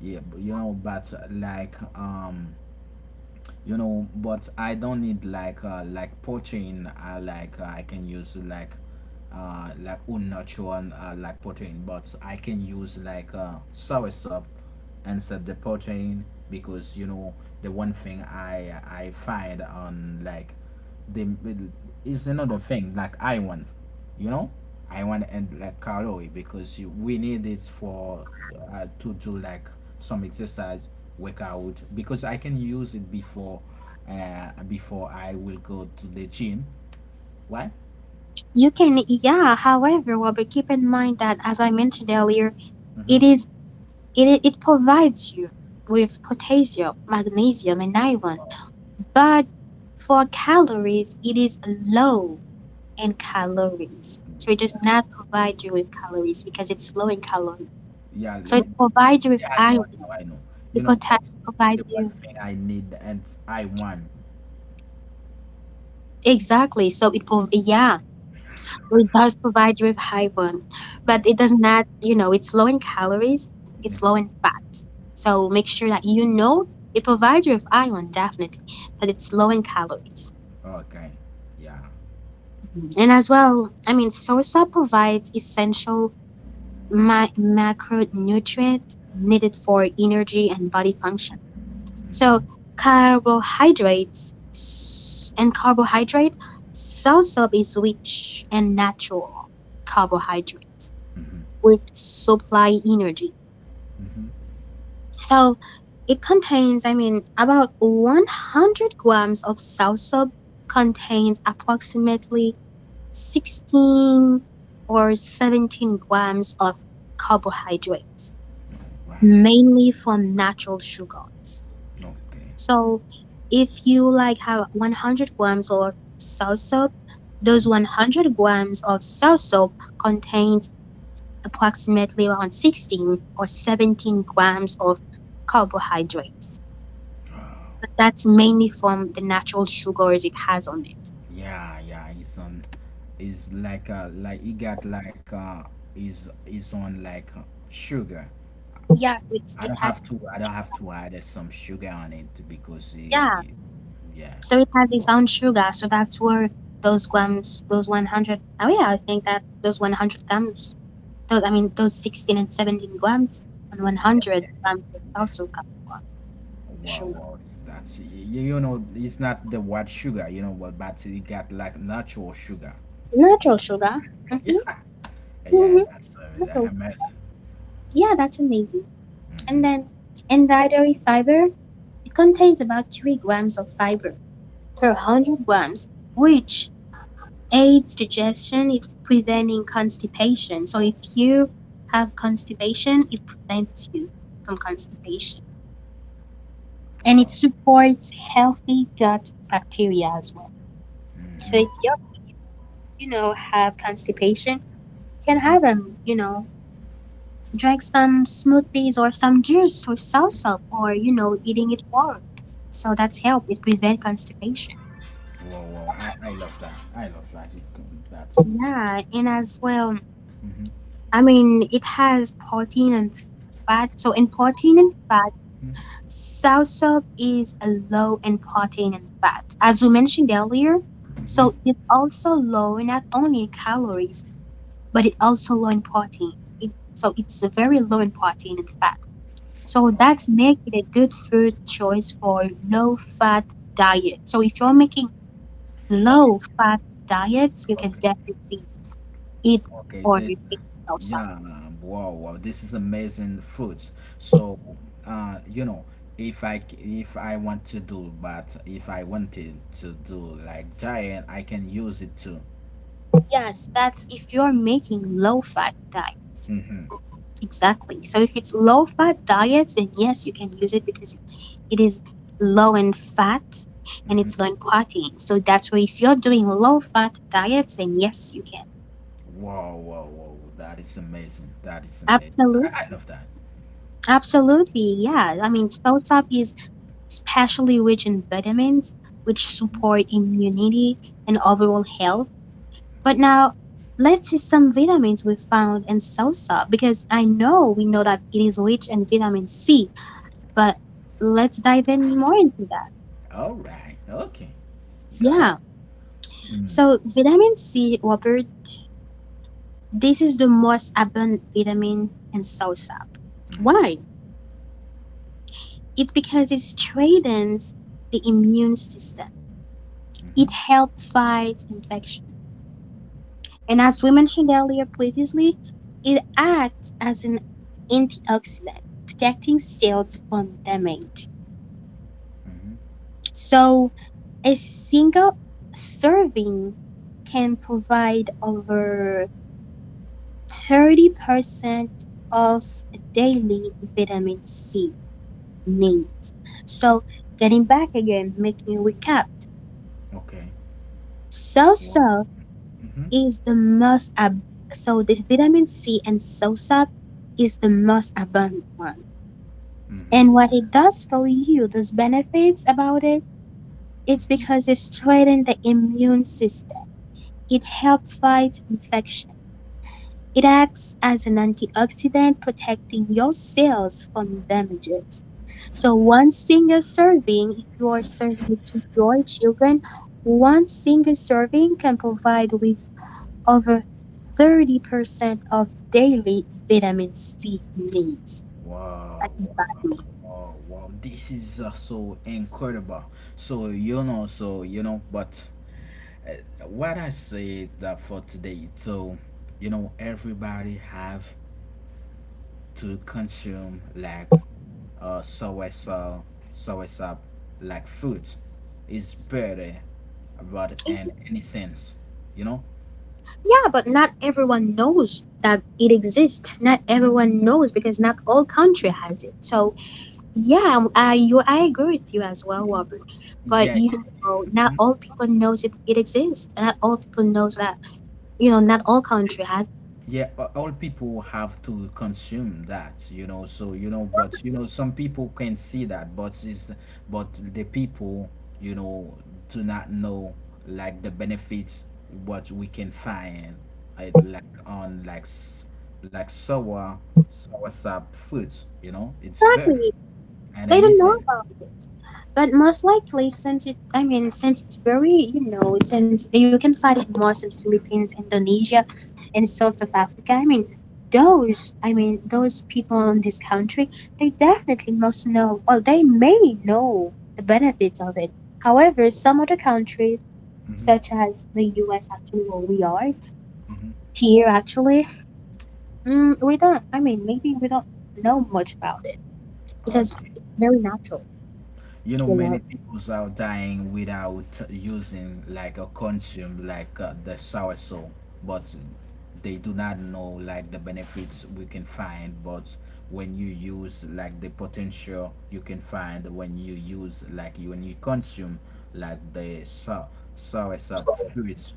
A: Yeah, but, you know, but like um you know, but I don't need like uh, like protein uh, like uh, I can use like uh, like unnatural uh, like protein, but I can use like uh, soy soup instead the protein because you know the one thing i i find on like they will- it's another thing like I want, you know, I want and like calorie because you, we need it for uh, to do like some exercise workout because I can use it before uh, before I will go to the gym. Why?
B: you can. Yeah, however, Robert, keep in mind that as I mentioned earlier,
A: Mm-hmm.
B: it is it it provides you with potassium, magnesium, and iron. But for calories, it is low in calories. So it does
A: Yeah,
B: not provide you with calories because it's low in calories.
A: yeah,
B: So
A: like,
B: it
A: it's-
B: provides you with
A: yeah. I know,
B: iron.
A: I know, I know. You
B: It
A: know,
B: pota-
A: but
B: provides
A: the one
B: you
A: thing I need and I want,
B: exactly. So it prov- yeah, so it does provide you with iron, but it
A: yeah.
B: does not. You know, it's low in calories. It's low in fat. So make sure that you know it provides you with iron definitely, but it's low in calories.
A: Okay, yeah.
B: And as well, I mean, salsa provides essential my macronutrient needed for energy and body function. So
A: Mm-hmm.
B: carbohydrates and carbohydrate soursop is rich and natural carbohydrates
A: Mm-hmm.
B: with supply energy.
A: Mm-hmm.
B: So it contains, I mean, about one hundred grams of soursop contains approximately sixteen or seventeen grams of carbohydrates,
A: Right.
B: mainly from natural sugars.
A: Okay.
B: So if you like have one hundred grams of sour soap, those
A: Hmm.
B: one hundred grams of sour soap contains approximately around sixteen or seventeen grams of carbohydrates. But that's mainly from the natural sugars it has on it.
A: Yeah, yeah, it's on. It's like uh, like he got like uh, is is on like uh, sugar.
B: Yeah, it's,
A: I
B: it
A: don't have
B: has,
A: to. I don't have to add uh, some sugar on it because he,
B: yeah.
A: he- yeah,
B: So it has its own sugar. So that's where those grams, those one hundred, oh yeah, I think that those one hundred grams. Those, I mean, those sixteen and seventeen grams and
A: yeah,
B: one hundred
A: yeah,
B: grams of
A: yeah.
B: also come from the
A: Wow,
B: sugar.
A: wow. It's- that's you, you know, it's not the white sugar, you know, but but he got like natural sugar.
B: Natural sugar.
A: Yeah,
B: Mm-hmm,
A: yeah.
B: mm-hmm,
A: That's uh,
B: natural.
A: amazing.
B: Yeah, that's amazing. And
A: Hmm.
B: then in dietary fiber, it contains about three grams of fiber per one hundred grams, which aids digestion, it's preventing constipation. So if you have constipation, it prevents you from constipation. And it
A: Wow.
B: supports healthy gut bacteria as well. So it's
A: Hmm.
B: your, you know, have constipation, can have them, you know, drink some smoothies or some juice or salsa or, you know, eating it warm. So that's help. It prevent constipation.
A: Wow, wow. I, I love that. I love that. It can- that's.
B: Yeah, and as well,
A: Mm-hmm.
B: I mean, it has protein and fat. So in protein and fat, salsa is low in protein and fat. As we mentioned earlier,
A: Mm-hmm.
B: so
A: Mm-hmm.
B: it's also low not only in calories, but it also low in protein. It, so it's very low in protein and fat. So that's
A: Okay.
B: make it a good food choice for low fat diet. So if you're making low
A: Okay.
B: fat diets, you can
A: Okay.
B: definitely eat
A: Okay.
B: or make
A: This.
B: salsa.
A: Yeah. Wow. Wow. This is amazing fruits. So, uh, you know, if I c- if I want to do, but if I wanted to do like giant, I can use it too.
B: Yes, that's if you're making low fat diet.
A: Mm-hmm.
B: Exactly. So if it's low fat diets, then yes, you can use it because it is low in fat and it's low in
A: Mm-hmm.
B: protein. So that's why if you're doing low fat diets, then yes, you can.
A: Wow. Wow. Wow. That is amazing. That is
B: Absolutely.
A: amazing. I, I love that.
B: Absolutely, yeah. I mean, salsa is especially rich in vitamins, which
A: Mhm.
B: support immunity and overall health. But now, let's see some vitamins we found in salsa because I know we know that it is rich in vitamin C, but let's dive in more into that.
A: All right. Okay. Go
B: Yeah.
A: ahead. Mm-hmm.
B: So, vitamin C, Robert, this is the most abundant vitamin in salsa.
A: Mm-hmm.
B: Why? It's because it strengthens the immune system. It
A: Mm-hmm.
B: helps fight infection. And as we mentioned earlier previously, it acts as an antioxidant, protecting cells from damage.
A: Mm-hmm.
B: So, a single serving can provide over thirty percent of daily vitamin C need. So, getting back again, making a recap.
A: Okay. Wow.
B: Soursop
A: Mm-hmm.
B: is the most ab- So this vitamin C and soursop is the most abundant one. And
A: Mm-hmm. Yeah.
B: what it does for you, those benefits about it, it's
A: Mm-hmm.
B: because it strengthens the immune system. It helps fight infection. It acts as an antioxidant, protecting your cells from damages. So one single serving, if you are serving it to your children, one single serving can provide with over thirty percent of daily vitamin C needs. Like,
A: Wow. Wow. Wow. Wow. This is uh, so incredible. So you know. So you know. But uh, what I say that for today. So you know, everybody have to consume like uh soursop soursop like food is better about in any sense. You know.
B: yeah, but not everyone knows that it exists. Not everyone knows because not all country has it. So yeah, um, I you I agree with you as well,
A: Y- y-
B: Robert. But
A: yeah.
B: you know, not all people knows it it exists. Not all people knows that, you know, not all
A: Yeah,
B: country has.
A: yeah, a- all people have to consume that, you know, so, you know, but you know some people can see that, but is, but the people, you know, do not know like the benefits what we can find I like on like s- like sour sour sap fruits, you know, it's better
B: Exactly,
A: and an
B: they don't know
A: essence.
B: about it. But most likely, since it I mean, since it's very, you know, since you can find it more in Philippines, Indonesia, and South of Africa. I mean, those, I mean, those people in this country, they definitely must know, well, they may know the benefits of it. However, some other countries,
A: Mm-hmm,
B: such as the U S, actually, where we are
A: mm-hmm.
B: here, actually, mm, we don't, I mean, maybe we don't know much about it. It is
A: Okay,
B: very natural,
A: you know,
B: you
A: many
B: know.
A: people are dying without using like or consume like uh, the sour soul, but they do not know like the benefits we can find, but when you use like the potential you can find when you use like you when you consume like the sour sour fruits,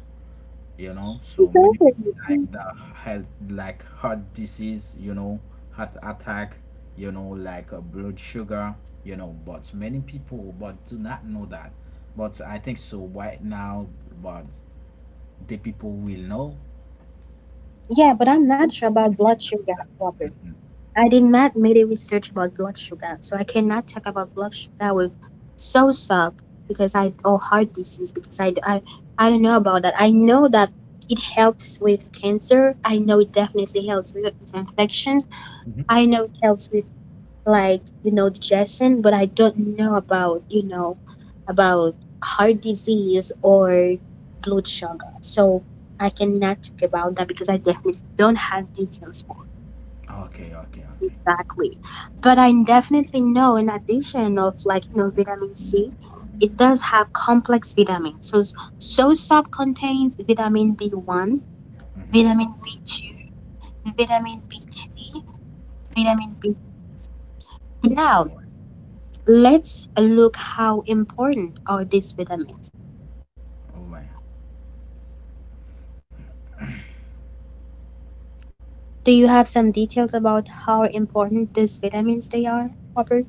A: you know, so many people like that had like heart disease, you know, heart attack, you know, like uh, blood sugar, you know, but many people but do not know that, but I think so right now, but the people will know
B: Yeah, but I'm not sure
A: the
B: about blood
A: benefits of
B: sugar,
A: that.
B: Robert. I did not made a research about blood sugar, so I cannot talk about blood sugar with SOSUP because I or heart disease because I, I I don't know about that. I know that it helps with cancer. I know it definitely helps with infections.
A: Mhm.
B: I know it helps with, like, you know, digestion, but I don't know about, you know, about heart disease or blood sugar. So I cannot talk about that because I definitely don't have details. For.
A: Okay, okay, okay.
B: Exactly. But I definitely know in addition of like, you know, vitamin C, it does have complex vitamins. So so sap contains vitamin B one,
A: Mm-hmm.
B: vitamin B two, vitamin B three, vitamin B.
A: All
B: Now
A: right.
B: let's look how important are these vitamins.
A: All right.
B: Do you have some details about how important these vitamins they are, Robert?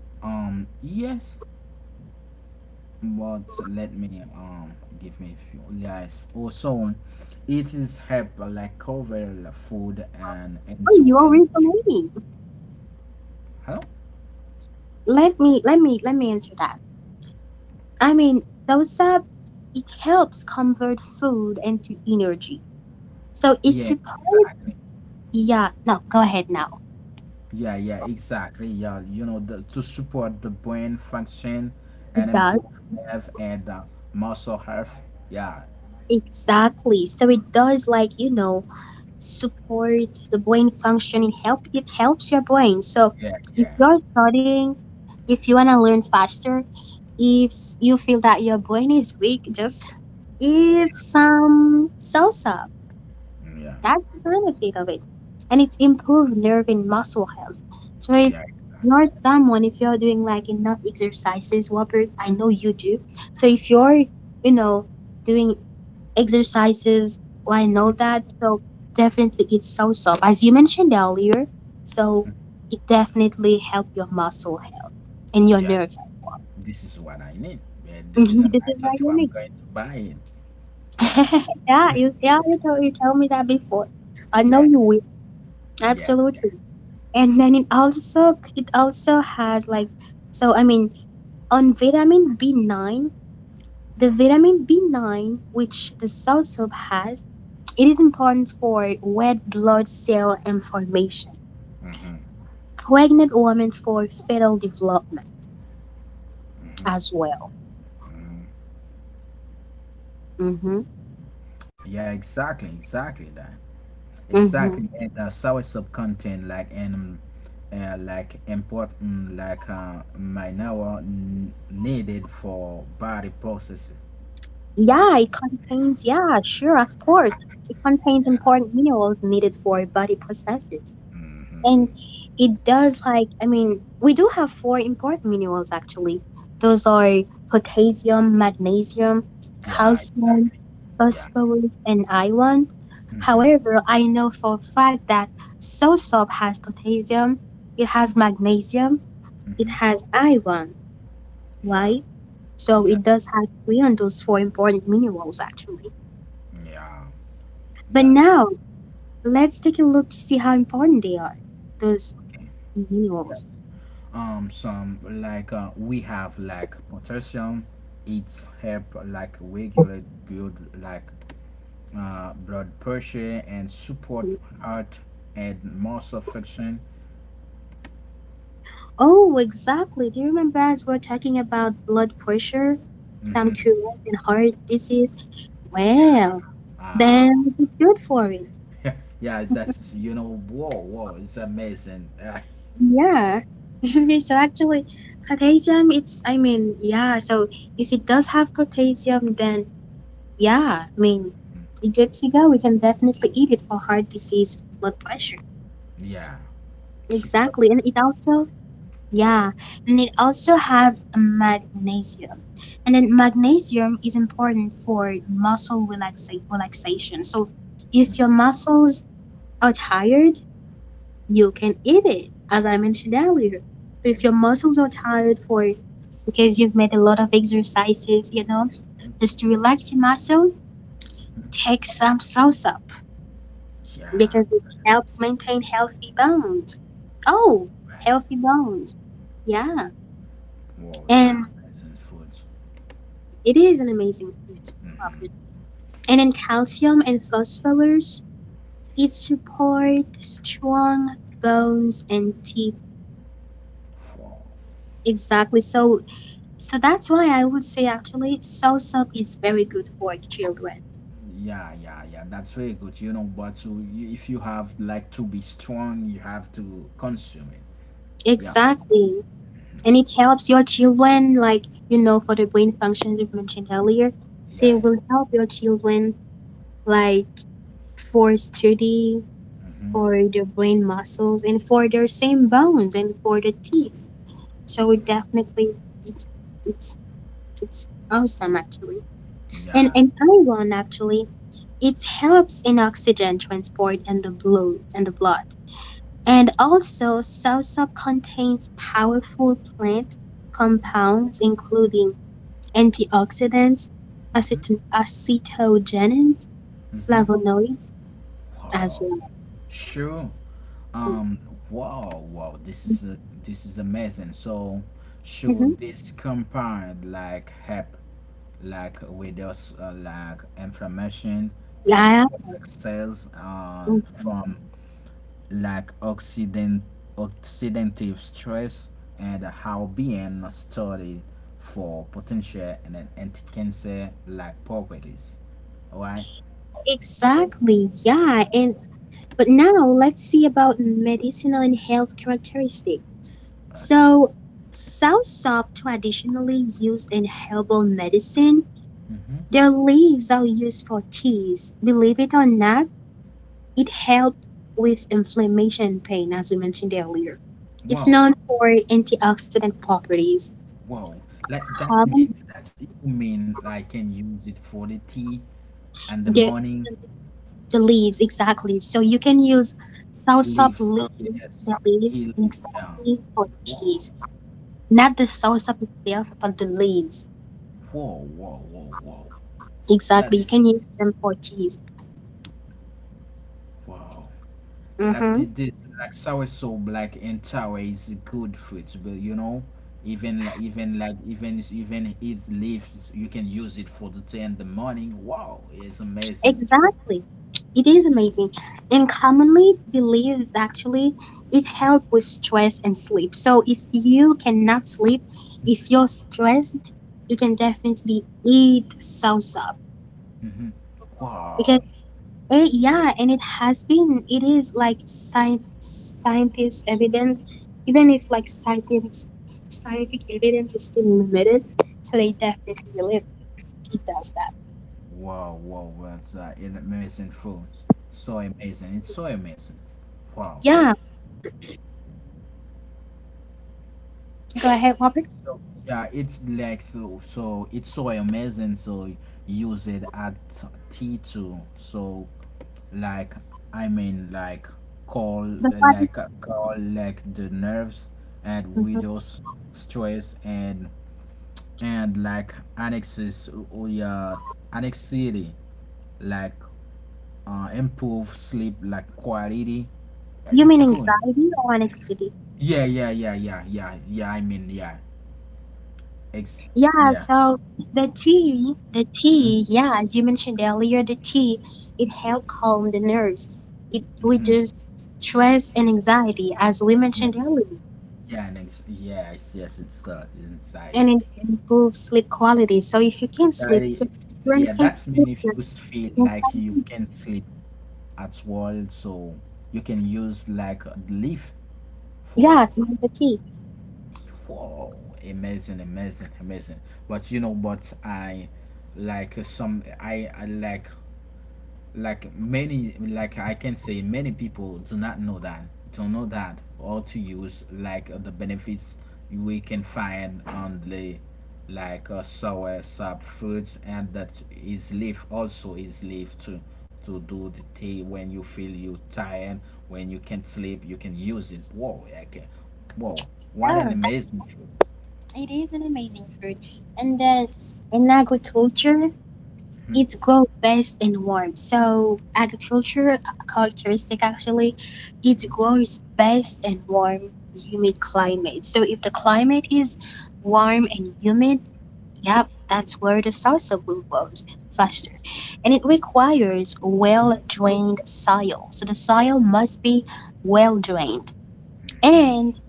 A: um Yes. But let me um give me a few guys. Also, it is help like cover food and
B: Oh,
A: into
B: you already
A: energy.
B: told me.
A: Hello.
B: Let me let me let me answer that. I mean, dosa, it helps convert food into energy. So it's
A: Yes,
B: supposed,
A: exactly.
B: yeah, no, go ahead now.
A: Yeah, yeah, exactly. Yeah, you know, the, to support the brain function
B: It
A: and
B: does,
A: improve nerve and uh, muscle health. Yeah,
B: exactly. So it does, like, you know, support the brain functioning, help, it helps your brain. So
A: yeah,
B: if
A: yeah.
B: you're studying, if you want to learn faster, if you feel that your brain is weak, just eat some salsa.
A: Mm, yeah,
B: That's the benefit of it. And it's improved nerve and muscle health. So if
A: yeah, exactly.
B: you're someone, if you're doing like enough exercises, Robert, I know you do. So if you're, you know, doing exercises, well, I
A: Mm,
B: know that. So definitely it's so soft. As you mentioned earlier, so it definitely help your muscle health and your
A: yeah,
B: nerves.
A: this is what I need. Uh, the reason
B: This
A: I
B: is my
A: told you I'm
B: unique.
A: going to buy it. Yeah,
B: Yeah, you yeah, you told you told me that before. I know
A: yeah,
B: you will.
A: yeah, yeah.
B: Absolutely. And then it also it also has like, so I mean, on vitamin B nine, the vitamin B nine which the sow soup has, it is important for red blood cell and formation,
A: Hmm.
B: pregnant women for fetal development as well. Mm-hmm.
A: Yeah, exactly, exactly that, exactly.
B: Mm-hmm.
A: And uh, sour sub content like and um, uh, like import mm, like uh, mineral n- needed for body processes. Why?
B: Yeah, it contains yeah sure, of course, it contains
A: Yeah.
B: important minerals needed for body processes.
A: Mm-hmm.
B: And it does, like, I mean, we do have four important minerals actually. Those are potassium, magnesium,
A: Yeah,
B: calcium,
A: exactly. Yeah.
B: phosphorus, and iron.
A: Mm-hmm.
B: However, I know for a fact that soursop has potassium, it has magnesium, it
A: Mm-hmm.
B: has iron,
A: Yeah.
B: right? So
A: Yeah.
B: it does have three on those four important minerals actually.
A: Yeah.
B: But
A: That's
B: now let's take a look to see how important they are, those
A: okay.
B: minerals.
A: Yes. Um. Some like uh, we have like potassium. It's help like regulate build like uh, blood pressure and support heart and muscle function.
B: Oh, exactly. Do you remember as we're talking about blood pressure, some
A: Hmm.
B: cures and heart disease?
A: Yeah,
B: Well,
A: uh,
B: then it's good for it.
A: yeah, that's you know, whoa, whoa, it's amazing.
B: Yeah. So actually, potassium, it's, I mean, yeah. So if it does have potassium, then yeah, I mean, it's good to go. We can definitely eat it for heart disease, blood pressure.
A: Uh, yeah, support.
B: Exactly. And it also yeah, and it also have magnesium. And then magnesium is important for muscle relaxa- relaxation. So if your muscles are tired, you can eat it, as I mentioned earlier. So if your muscles are tired for because you've made a lot of exercises, you know, just to relax your muscle, take some salsa
A: Yeah,
B: because it helps maintain healthy bones. Oh,
A: right.
B: healthy bones. Yeah.
A: Whoa, that
B: And
A: amazing food.
B: it is an amazing food property. And in calcium and phosphorus, it supports strong bones and teeth.
A: Wow.
B: Exactly. So so that's why I would say actually soursop is very good for children.
A: Yeah, yeah, yeah. That's very good. You know, but to you, if you have like to be strong, you have to consume it. Yeah,
B: Exactly. And it helps your children like you know for the brain functions you've mentioned earlier. So it
A: yeah,
B: will help your children like for study, for their brain muscles and for their same bones and for the teeth. So it definitely it's it's it's awesome actually. And
A: yeah.
B: and iron actually, it helps in oxygen transport and the blood and the blood. And also salsa contains powerful plant compounds including antioxidants,
A: Mm-hmm.
B: aceton- acetogenins,
A: Mm-hmm.
B: flavonoids as
A: Wow.
B: well.
A: Sure. Um. Wow. Wow. This is a, this is amazing. So,
B: hmm
A: should this compound like help, like with us, uh, like inflammation and
B: Yeah,
A: protect cells um,
B: mhm.
A: from like oxidant oxidative stress and how being studied for potential and then anti-cancer like properties. Alright.
B: Exactly. Yeah, and But now let's see about medicinal and health characteristic.
A: Okay.
B: So soursop traditionally used in herbal medicine.
A: Mm-hmm.
B: Their leaves are used for teas. Believe it or not, it helps with inflammation and pain, as we mentioned earlier. It's
A: Wow.
B: known for antioxidant properties.
A: Wow, like that
B: Harm
A: mean that you mean I can use it for the tea and the
B: the,
A: morning
B: the leaves, exactly. So you can use soursop
A: leaves.
B: leaves,
A: Yes,
B: the leaves,
A: he leave. Yeah.
B: exactly for
A: Wow,
B: teas. Not the soursop itself, but the leaves.
A: whoa, whoa, whoa, whoa. That
B: Exactly. You
A: is
B: can use
A: amazing.
B: them for teas.
A: Wow. Like
B: Mm-hmm.
A: thi- this, like sour soup, like and sour is good fruit, but you know, even like even like even even its leaves, you can use it for the tea and the morning. Wow, it's amazing.
B: Exactly. It is amazing. And commonly believed actually it helps with stress and sleep. So if you cannot sleep, if you're stressed, you can definitely eat soursop.
A: Hmm.
B: Because
A: Wow.
B: eh, yeah, and it has been it is like science scientist evidence, even if like scientists scientific evidence is still limited, so they definitely believe it does that.
A: Wow, wow, that's uh, an amazing food. So amazing. It's so amazing. Wow.
B: Yeah, go ahead, Robert.
A: So yeah, it's like so, so it's so amazing. So use it at T two. So like I mean like call
B: The one,
A: like call like the nerves and
B: mhm.
A: widows stress and and like annexes or yeah annexity like uh, improve sleep like quality.
B: You
A: It's
B: mean
A: good.
B: anxiety or anxiety?
A: Yeah, yeah, yeah, yeah, yeah, yeah. I mean, yeah, ex,
B: Yeah,
A: yeah,
B: so the tea, the
A: mm-hmm,
B: tea, yeah, as you mentioned earlier, the tea, it helps calm the nerves. It
A: mm-hmm,
B: reduces stress and anxiety, as we
A: yeah,
B: mentioned earlier,
A: yeah, and ex, yeah, yes, yes, it's that, it's anxiety.
B: and it improves sleep quality. So if you can't sleep, your
A: Anxiety,
B: brain
A: yeah,
B: can't
A: that's
B: sleep.
A: mean if you feel like you can sleep at all, so you can use like a leaf
B: Yeah,
A: for,
B: it's not the tea.
A: whoa, amazing, amazing, amazing. But you know, but I like uh, some, I, I like. Like many, like I can say many people do not know that, don't know that or to use like uh, the benefits we can find on the like uh, sour sub fruits and that is leaf also is leaf to to do the tea when you feel you tired, when you can't sleep you can use it. Whoa, okay, whoa, what
B: Yeah,
A: an amazing fruit.
B: it is an amazing fruit. And then in agriculture,
A: Hmm.
B: it's grow best in warm. So agriculture uh, characteristic actually, it grows best in warm, humid climate. So if the climate is warm and humid, yep, that's where the salsa will grow faster. And it requires well drained soil. So the soil must be well drained. And
A: Mm-hmm.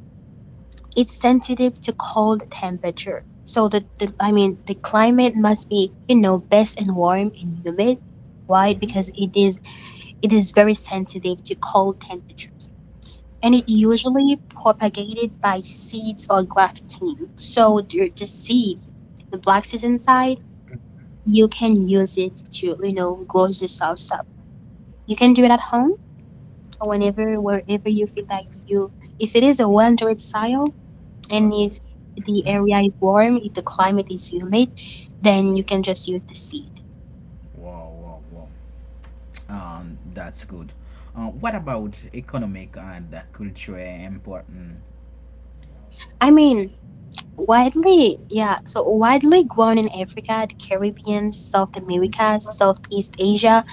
B: it's sensitive to cold temperature. So the, the I mean the climate must be you know best and warm and humid. Why? Because
A: Mm-hmm.
B: it is it is very sensitive to cold temperatures, and it
A: Okay,
B: usually propagated by seeds or grafting. So the, the seed, the black seeds inside, you can use it to you know grow the salsa. You can do it at home or whenever wherever you feel like you. If it is a well-drained soil and if
A: okay,
B: the area is warm, if the climate is humid, then you can just use the seed.
A: wow, wow, wow. Um, that's good. Uh, what about economic and uh, culture important?
B: I mean, widely, yeah, so widely grown in Africa, the Caribbean, South America, Southeast Asia.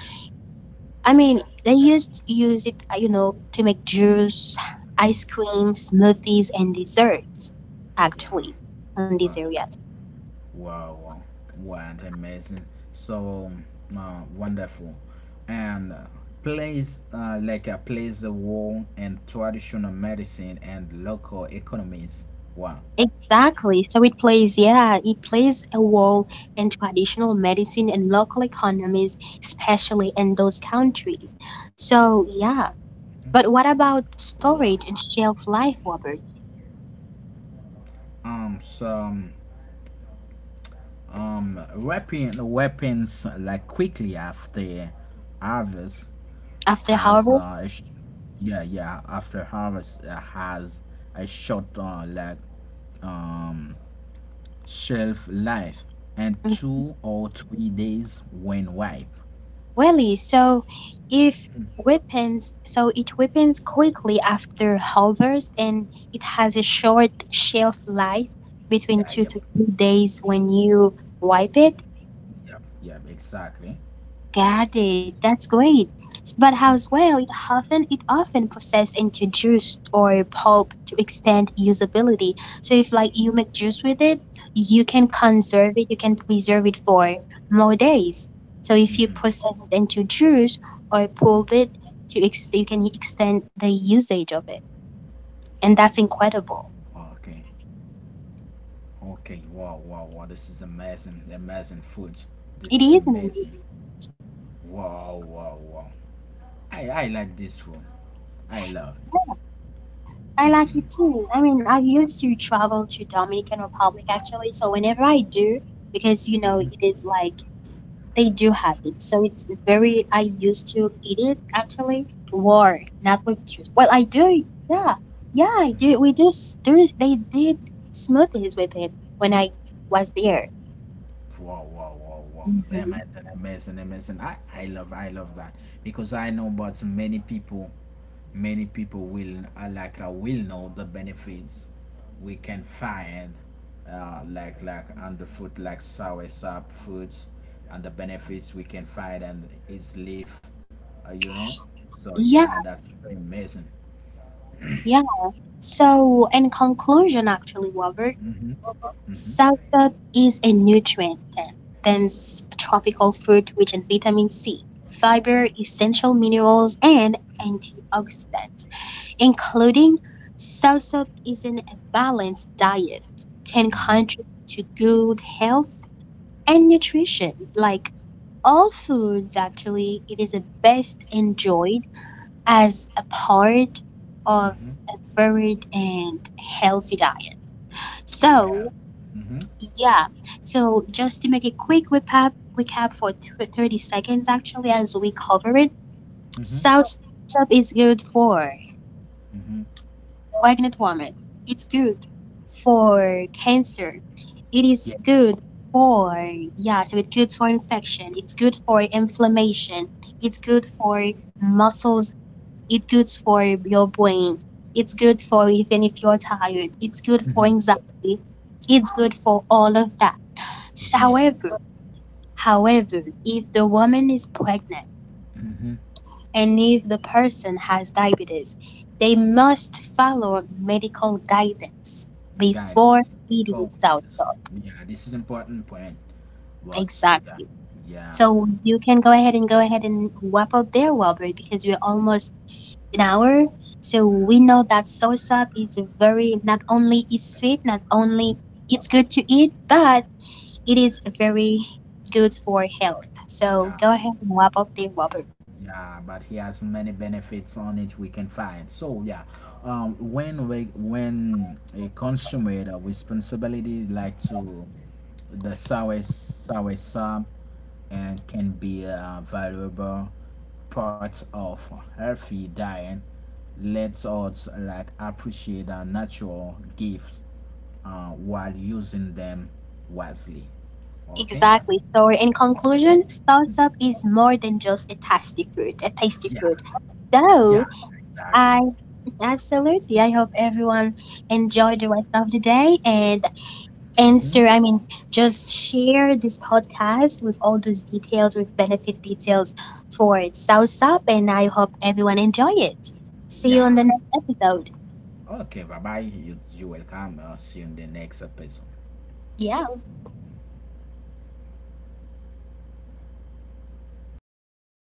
B: I mean, they used to use it, uh, you know, to make juice, ice cream, smoothies, and desserts,
A: Yeah.
B: actually, on this
A: Uh,
B: area.
A: wow, wow. What amazing. So uh, wonderful. And uh, plays uh, like uh, plays a role in traditional medicine and local economies. Wow.
B: Exactly. So it plays, yeah, it plays a role in traditional medicine and local economies, especially in those countries. So, yeah. But what about
A: Wow.
B: storage and shelf life, Robert?
A: Um some um um, weapon weapons like quickly after harvest
B: After
A: has
B: harvest,
A: uh, a sh- yeah, yeah, after harvest uh, has a short uh, like um, shelf life and
B: mhm.
A: two or three days when ripe.
B: Really, so if weapons, so it weapons quickly after harvest and it has a short shelf life between two
A: Yeah,
B: to
A: yep,
B: three days when you wipe it.
A: yep, yep, exactly.
B: Got it.
A: It-
B: That's great. But as well,
A: mhm.
B: it often it often processed into juice or pulp to extend usability. So if like you make juice with it, you can conserve it, you can preserve it for more days. So if you process it into juice or pulp it, to ex- you can extend the usage of it, and that's incredible.
A: Okay, okay, wow, wow, wow, this is amazing, amazing food.
B: It
A: This
B: is
A: is
B: an amazing.
A: amazing. Wow, wow, wow. I, I like this food. I love it.
B: I like it too. I mean, I used to travel to Dominican Republic actually, so whenever I do because you know
A: Mm-hmm.
B: it is like they do have it. So it's very, I used to eat it actually raw, not with juice. Well, I do. Yeah. Yeah, I do. We do, s- there is, they did smoothies with it when I was there.
A: Wow, wow, wow, wow.
B: hmm
A: Amazing, amazing, amazing. I, I love, I love that because I know, but many people, many people will uh, like uh, will know the benefits we can find, uh, like like on the food, like sour sap foods, and the benefits we can find and its leaf, uh, you know. So
B: Yeah,
A: yeah, that's amazing.
B: yeah. So, in conclusion, actually, Robert,
A: Mhm, mhm,
B: soursop is a nutrient then, than s- tropical fruit rich in vitamin C, fiber, essential minerals, and antioxidants. Including soursop isn't a balanced diet can
A: mhm,
B: contribute to good health and nutrition. Like all foods, actually, it is best enjoyed as a part of
A: mhm.
B: a varied and healthy diet. So,
A: Well, mhm,
B: yeah, so just to make a quick recap, recap for th- thirty seconds actually as we cover it,
A: mhm,
B: soursop is good for
A: mhm.
B: pregnant woman. It's good for cancer. It is
A: Yeah.
B: good for yeah, so it's good for infection. It's good for inflammation. It's good for muscles. It's good for your brain. It's good for even if you're tired. It's good for
A: Mhm.
B: anxiety. It's good for all of that. So, however,
A: Yes.
B: however, if the woman is pregnant
A: Mhm.
B: and if the person has diabetes, they must follow medical guidance before
A: Guidance
B: eating
A: before we use.
B: soursop.
A: Yeah, this is important point, but
B: Exactly.
A: yeah, yeah,
B: So you can go ahead and go ahead and wrap up there, Robert, because we're almost an hour. So we know that soursop is a very not only is sweet, not only it's good to eat, but it is very good for health. So
A: yeah,
B: go ahead and wrap up there, Robert.
A: yeah, but he has many benefits on it we can find, so yeah, um when we when a consummate a responsibility like to the sour sour sub and can be a valuable part of healthy diet, lets us like appreciate our natural gifts uh, while using them wisely. Okay?
B: Exactly. So in conclusion, salsa is more than just a tasty fruit, a
A: Yeah,
B: tasty fruit.
A: yeah,
B: So
A: exactly.
B: I absolutely I hope everyone enjoyed the rest of the day and
A: Hmm.
B: answer I mean just share this podcast with all those details with benefit details for salsa and I hope everyone enjoy it. See you on the
A: Yeah.
B: next episode.
A: Okay, bye bye. You, you're welcome. I'll see you in the next episode.
B: Yeah.